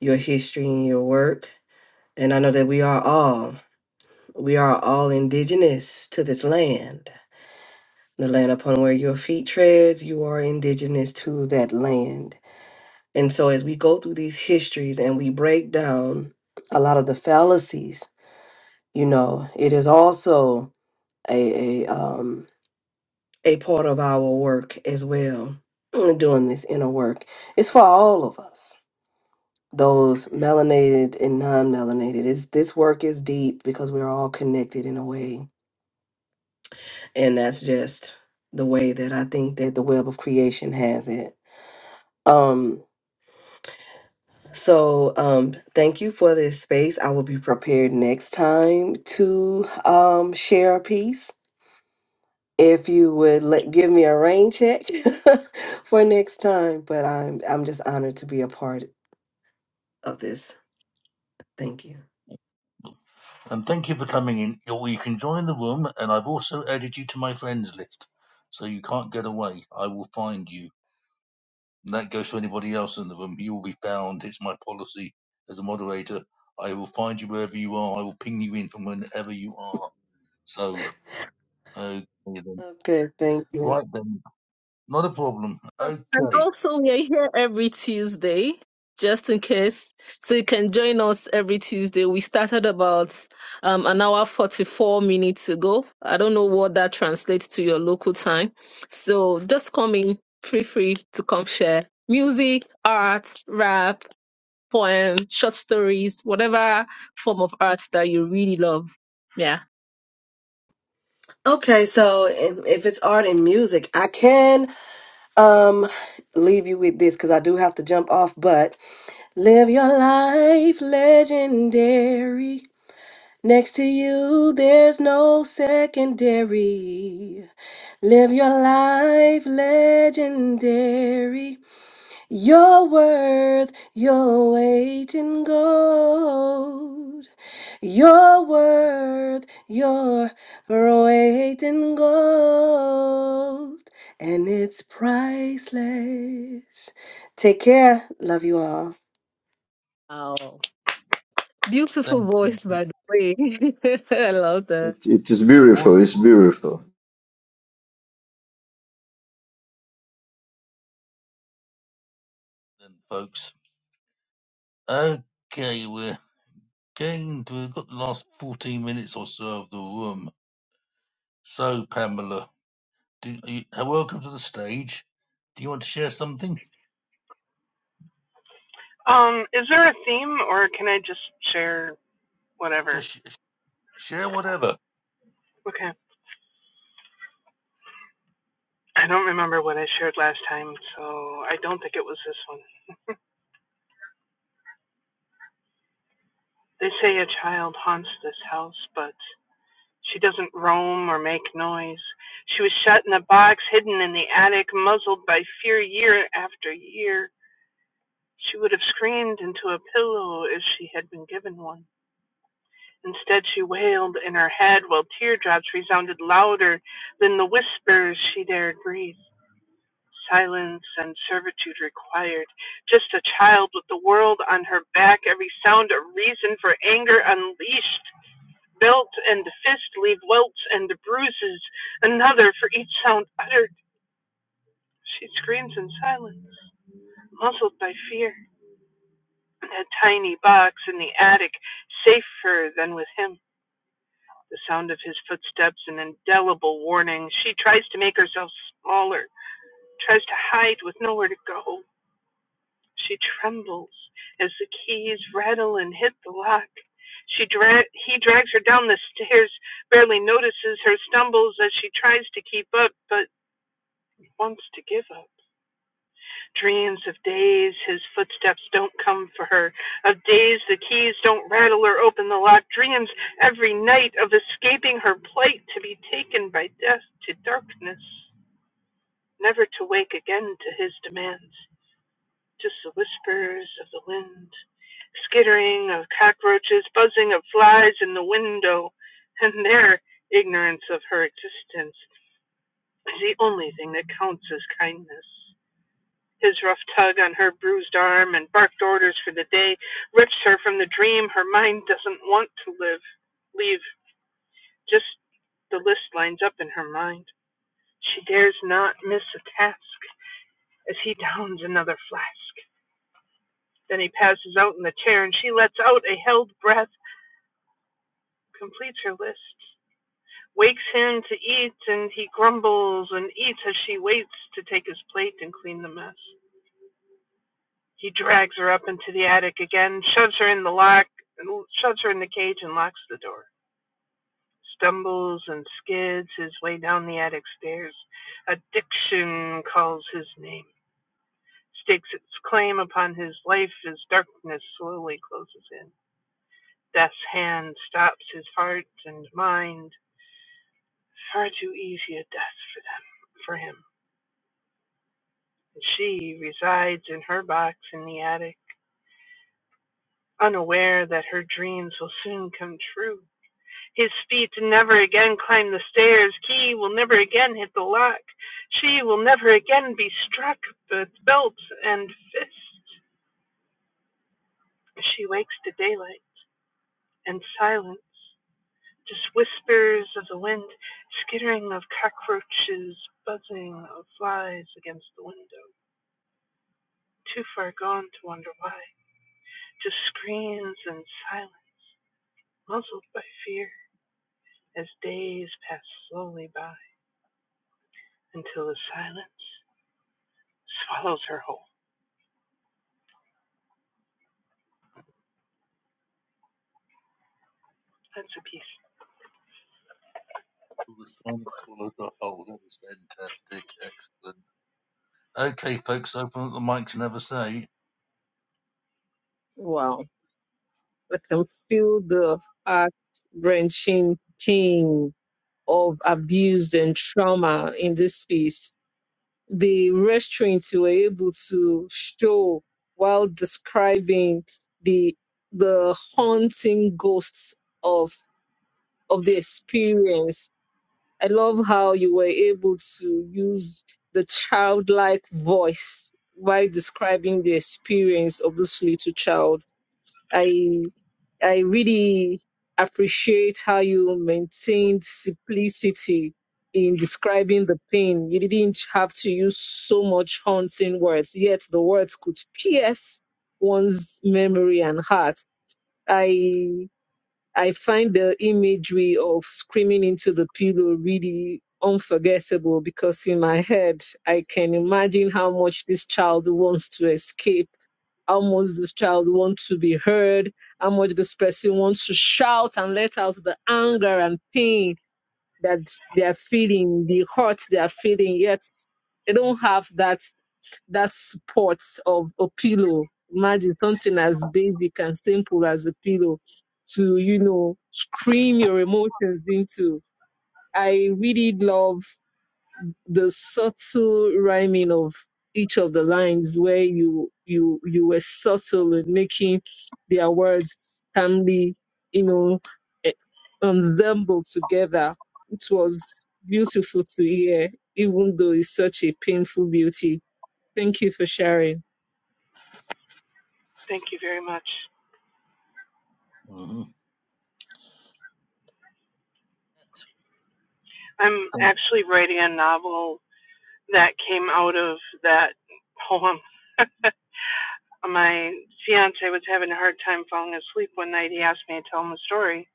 your history and your work. And I know that we are all, we are all indigenous to this land. The land upon where your feet treads, you are indigenous to that land. And so as we go through these histories and we break down a lot of the fallacies, you know, it is also a, a um a part of our work as well. Doing this inner work. It's for all of us those melanated and non-melanated. It's, this work is deep because we're all connected in a way, and that's just the way that I think that the web of creation has it. Um, so um, thank you for this space. I will be prepared next time to um, share a piece. If you would let, give me a rain check for next time, but I'm I'm just honored to be a part of this. Thank you.
thank you for coming in. You you can join the room, and I've also added you to my friends list, so you can't get away. I will find you. And that goes to anybody else in the room. You will be found. It's my policy as a moderator. I will find you wherever you are. I will ping you in from whenever you are. So, okay then.
Okay, thank you.
Right then. Not a problem.
Um, and
Okay.
also we are here every Tuesday, just in case. So you can join us every Tuesday. We started about um an hour forty four minutes ago. I don't know what that translates to your local time. So just come in, feel free to come share. Music, art, rap, poem, short stories, whatever form of art that you really love. Yeah.
Okay, so if if it's art and music, I can um leave you with this because I do have to jump off, but live your life legendary. Next to you, there's no secondary. Live your life legendary. You're worth your weight in gold. You're worth your weight in gold. And it's priceless. Take care. Love you all.
Wow.
Thank
Beautiful
you.
voice, by the way. I love that.
It, it is
What
beautiful. It's
what
beautiful.
then, folks? Okay, we're getting to, we've got the last 14 minutes or so of the room. So, Pamela, do you, uh, welcome to the stage. Do you want to share something?
Um, is there a theme or can I just share whatever?
Just sh- share whatever.
Okay. I don't remember what I shared last time, so I don't think it was this one. They say a child haunts this house, but she doesn't roam or make noise. She was shut in a box, hidden in the attic, muzzled by fear year after year. She would have screamed into a pillow if she had been given one. Instead, she wailed in her head while teardrops resounded louder than the whispers she dared breathe. Silence and servitude required. Just a child with the world on her back, every sound a reason for anger unleashed. Belt and fist leave welts and bruises, another for each sound uttered. She screams in silence, muzzled by fear. A tiny box in the attic, safer than with him. The sound of his footsteps, an indelible warning. She tries to make herself smaller, tries to hide with nowhere to go. She trembles as the keys rattle and hit the lock. She dra- he drags her down the stairs, barely notices her stumbles as she tries to keep up, but wants to give up. Dreams of days his footsteps don't come for her, of days the keys don't rattle or open the lock, dreams every night of escaping her plight to be taken by death to darkness, never to wake again to his demands. just the whispers of the wind, skittering of cockroaches, buzzing of flies in the window, and their ignorance of her existence is the only thing that counts as kindness. His rough tug on her bruised arm and barked orders for the day wrenched her from the dream her mind doesn't want to live. Leave. Just the list lines up in her mind. She dares not miss a task as he downs another flask. Then he passes out in the chair, and she lets out a held breath, completes her list, wakes him to eat, and he grumbles and eats as she waits to take his plate and clean the mess. He drags her up into the attic again, shoves her in the lock, shoves her in the cage, and locks the door. Stumbles and skids his way down the attic stairs. Addiction calls his name, stakes its claim upon his life as darkness slowly closes in. Death's hand stops his heart and mind. Far too easy a death for them, for him. And she resides in her box in the attic, unaware that her dreams will soon come true. His feet never again climb the stairs. Key will never again hit the lock. She will never again be struck with belt and fist. She wakes to daylight and silence. Just whispers of the wind, skittering of cockroaches, buzzing of flies against the window. Too far gone to wonder why. Just screams and silence, muzzled by fear, as days pass slowly by until the silence swallows her whole. That's a piece.
Well, the sonic swallow dot oh, that was fantastic, excellent. Okay, folks, open up the mics and have a say.
Wow. I can feel the heart wrenching pain of abuse and trauma in this piece. The restraints you were able to show while describing the the haunting ghosts of of the experience I love how you were able to use the childlike voice while describing the experience of this little child. I I really appreciate how you maintained simplicity in describing the pain. You didn't have to use so much haunting words, yet the words could pierce one's memory and heart. I I find the imagery of screaming into the pillow really unforgettable because in my head, I can imagine how much this child wants to escape, how much this child wants to be heard, how much this person wants to shout and let out the anger and pain that they are feeling, the hurt they are feeling, yet they don't have that that support of a pillow. Imagine something as basic and simple as a pillow to, you know, scream your emotions into. I really love the subtle rhyming of each of the lines where you you you were subtle in making their words calmly, you know, eh, ensemble together. It was beautiful to hear, even though it's such a painful beauty. Thank you for sharing.
Thank you very much.
hmm
I'm actually writing a novel that came out of that poem. my fiance was having a hard time falling asleep one night. He asked me to tell him a story,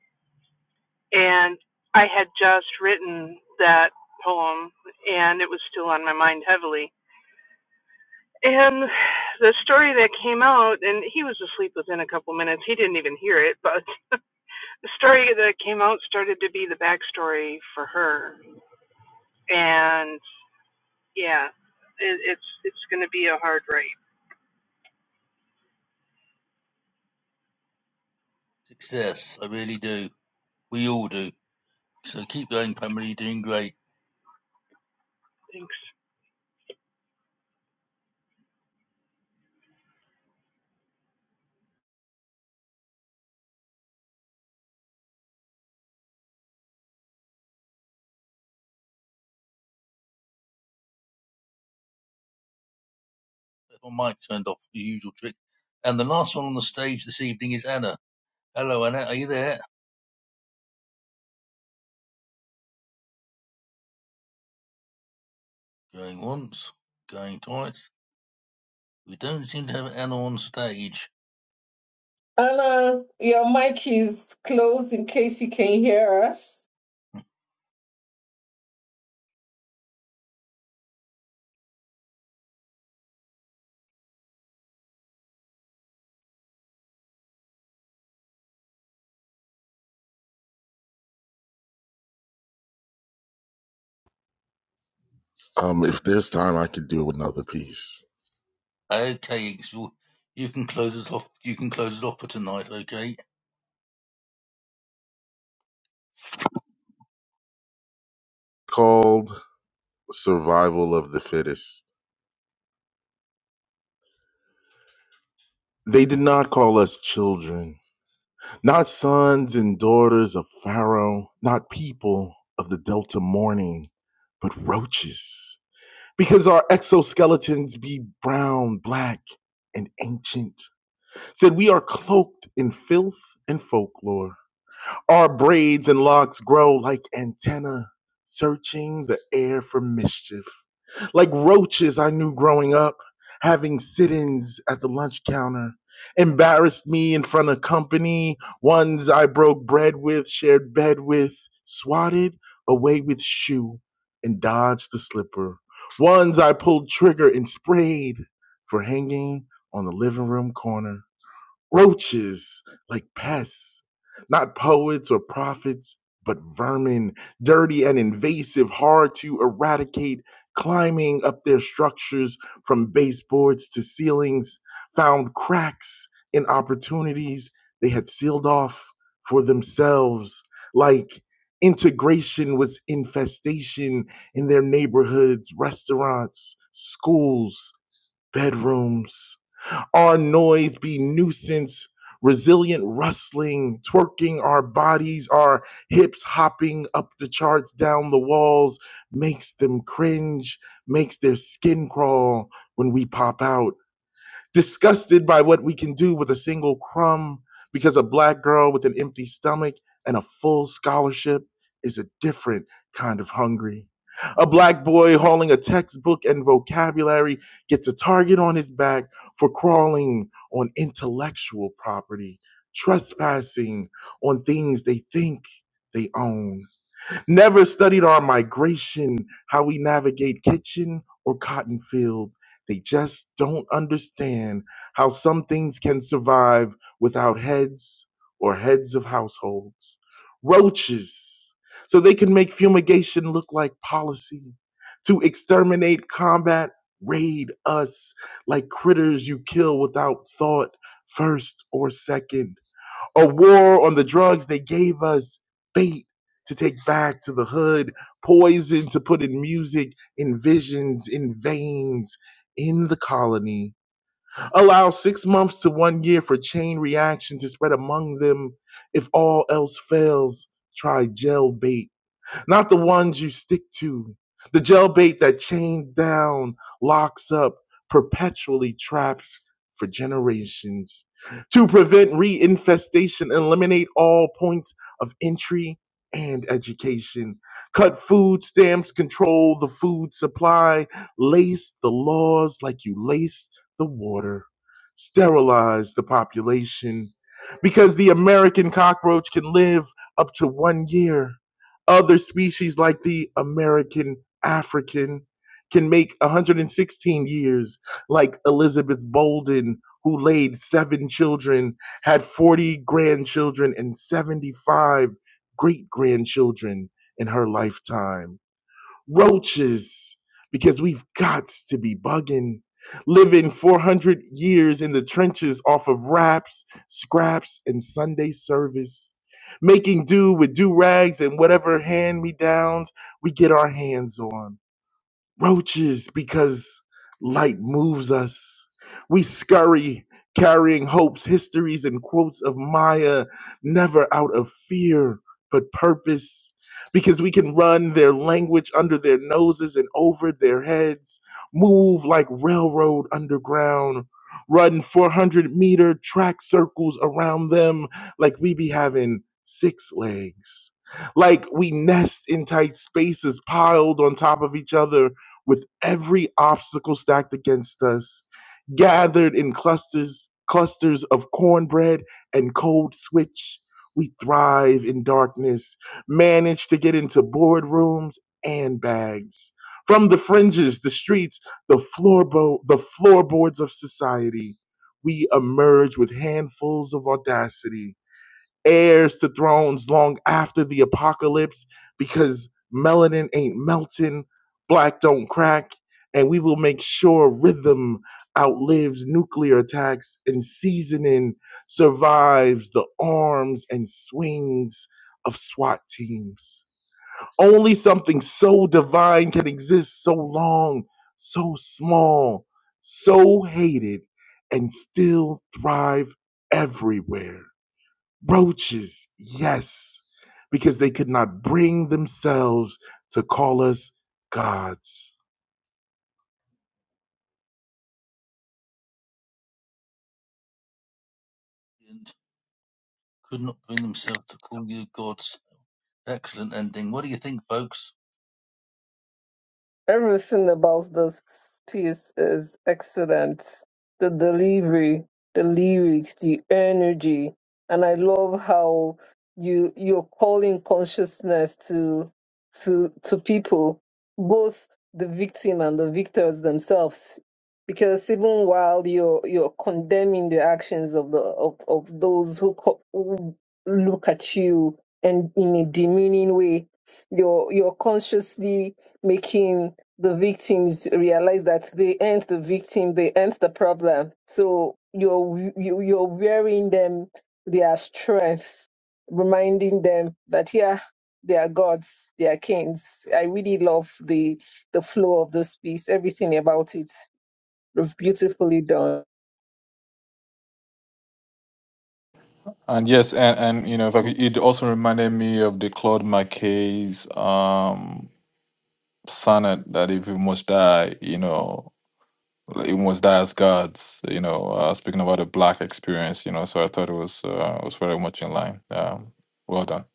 and I had just written that poem, and it was still on my mind heavily. And the story that came out, and he was asleep within a couple minutes. He didn't even hear it, but the story that came out started to be the backstory for her. And yeah, it, it's it's going to be a hard write.
Success, I really do. We all do. So keep going, Pamela. You're doing great.
Thanks.
My mic turned off, the usual trick. And the last one on the stage this evening is Anna. Hello, Anna. Are you there? Going once, going twice. We don't seem to have Anna on stage.
Anna, your mic is closed in case you can hear us.
Um, if there's time, I could do another piece
Okay, it's- well, you can close it off. You can close it off for tonight. Okay.
called Survival of the Fittest. They did not call us children Not sons and daughters of Pharaoh, not people of the Delta morning, but roaches. Because our exoskeletons be brown, black, and ancient. Said we are cloaked in filth and folklore. Our braids and locks grow like antennae, searching the air for mischief like roaches I knew growing up, having sit ins at the lunch counter, embarrassed me in front of company, ones I broke bread with, shared bed with, swatted away with shoe and dodged the slipper, ones I pulled trigger and sprayed for hanging on the living room corner roaches like pests, not poets or prophets, but vermin, dirty and invasive, hard to eradicate, climbing up their structures from baseboards to ceilings, found cracks in opportunities they had sealed off for themselves, like integration was infestation in their neighborhoods, restaurants, schools, bedrooms. Our noise be nuisance, resilient rustling, twerking our bodies, our hips hopping up the charts, down the walls, makes them cringe, makes their skin crawl when we pop out disgusted by what we can do with a single crumb because a black girl with an empty stomach and a full scholarship is a different kind of hungry. A black boy hauling a textbook and vocabulary gets a target on his back for crawling on intellectual property, trespassing on things they think they own. Never studied our migration, how we navigate kitchen or cotton field. They just don't understand how some things can survive without heads or heads of households. Roaches, so they can make fumigation look like policy. To exterminate, combat, raid us like critters you kill without thought, first or second a war on the drugs. They gave us bait to take back to the hood, poison to put in music, in visions, in veins, in the colony. Allow six months to one year for chain reaction to spread among them. If all else fails, try gel bait not the ones you stick to. The gel bait that chains down, locks up, perpetually traps for generations. To prevent reinfestation, eliminate all points of entry and education. Cut food stamps, control the food supply, lace the laws like you lace the water. Sterilize the population because the American cockroach can live up to one year other species like the American African can make 116 years, like Elizabeth Bolden, who laid seven children, had 40 grandchildren, and 75 great grandchildren in her lifetime roaches because we've got to be bugging living 400 years in the trenches off of wraps scraps and sunday service making do with do rags and whatever hand me downs we get our hands on roaches because light moves us. We scurry, carrying hopes, histories, and quotes of Maya, never out of fear, but purpose. Because we can run their language under their noses and over their heads, move like railroad underground, run 400 meter track circles around them like we be having six legs. Like we nest in tight spaces piled on top of each other with every obstacle stacked against us, gathered in clusters, clusters of cornbread and cold switch. We thrive in darkness, manage to get into boardrooms and bags. From the fringes, the streets, the floorbo- the floorboards of society, we emerge with handfuls of audacity heirs to thrones long after the apocalypse because melanin ain't melting, black don't crack, and we will make sure rhythm outlives nuclear attacks and seasoning survives the arms and swings of SWAT teams. Only something so divine can exist so long, so small, so hated, and still thrive everywhere Roaches, yes, because they could not bring themselves to call us gods.
And could not bring themselves to call you gods Excellent ending. What do you think, folks?
Everything about this piece is excellent. The delivery, the lyrics, the energy, and I love how you you're calling consciousness to to to people, both the victim and the victors themselves. Because even while you're you're condemning the actions of the of, of those who, co- who look at you and in a demeaning way, you're you're consciously making the victims realize that they ain't the victim, they ain't the problem. So you're you, you're wearing them their strength, reminding them that yeah, they are gods, they are kings. I really love the the flow of this piece. Everything about it was beautifully done.
And yes, and and you know, if I
What do
could, it also reminded me of the Claude McKay's um sonnet that if we must die, you know, like, you must die as gods. You know, uh, speaking about the black experience, you know. So I thought it was uh, was very much in line. Um, well done.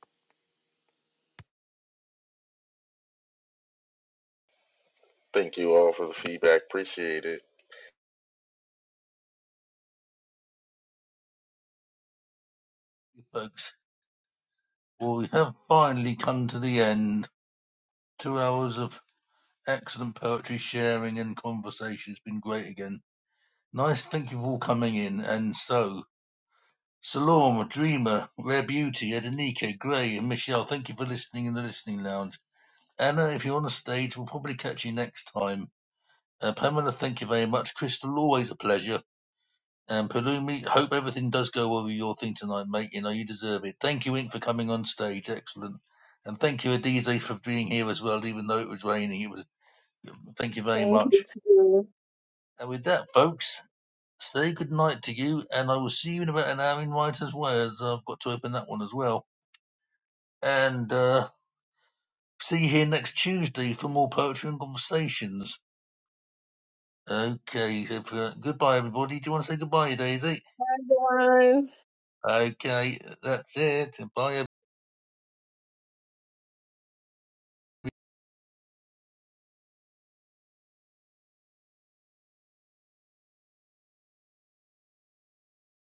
Thank you all for the feedback. Appreciate it.
you think, folks? Well, we have finally come to the end. Two hours of excellent poetry sharing and conversation. It's been great again. Nice. Thank you for all coming in. And so, Salome, Dreamer, Rare Beauty, Edenike, Gray, and Michelle, thank you for listening in the listening lounge. Anna, if you're on the stage, we'll probably catch you next time. Uh, Pamela, thank you very much. Crystal, always a pleasure. And Palumi, hope everything does go well with your thing tonight, mate. You know, you deserve it. Thank you, Inc., for coming on stage. Excellent. And thank you, Adize, for being here as well, even though it was raining. It was. Thank you very
Thank you
much.
to
And with that, folks, say good night to you, and I will see you in about an hour in Writer's Words. I've got to open that one as well. And uh, see you here next Tuesday for more poetry and conversations. Okay, so for, goodbye, everybody. Do you want to say goodbye, Daisy?
everyone.
Okay, that's it. Bye, everybody.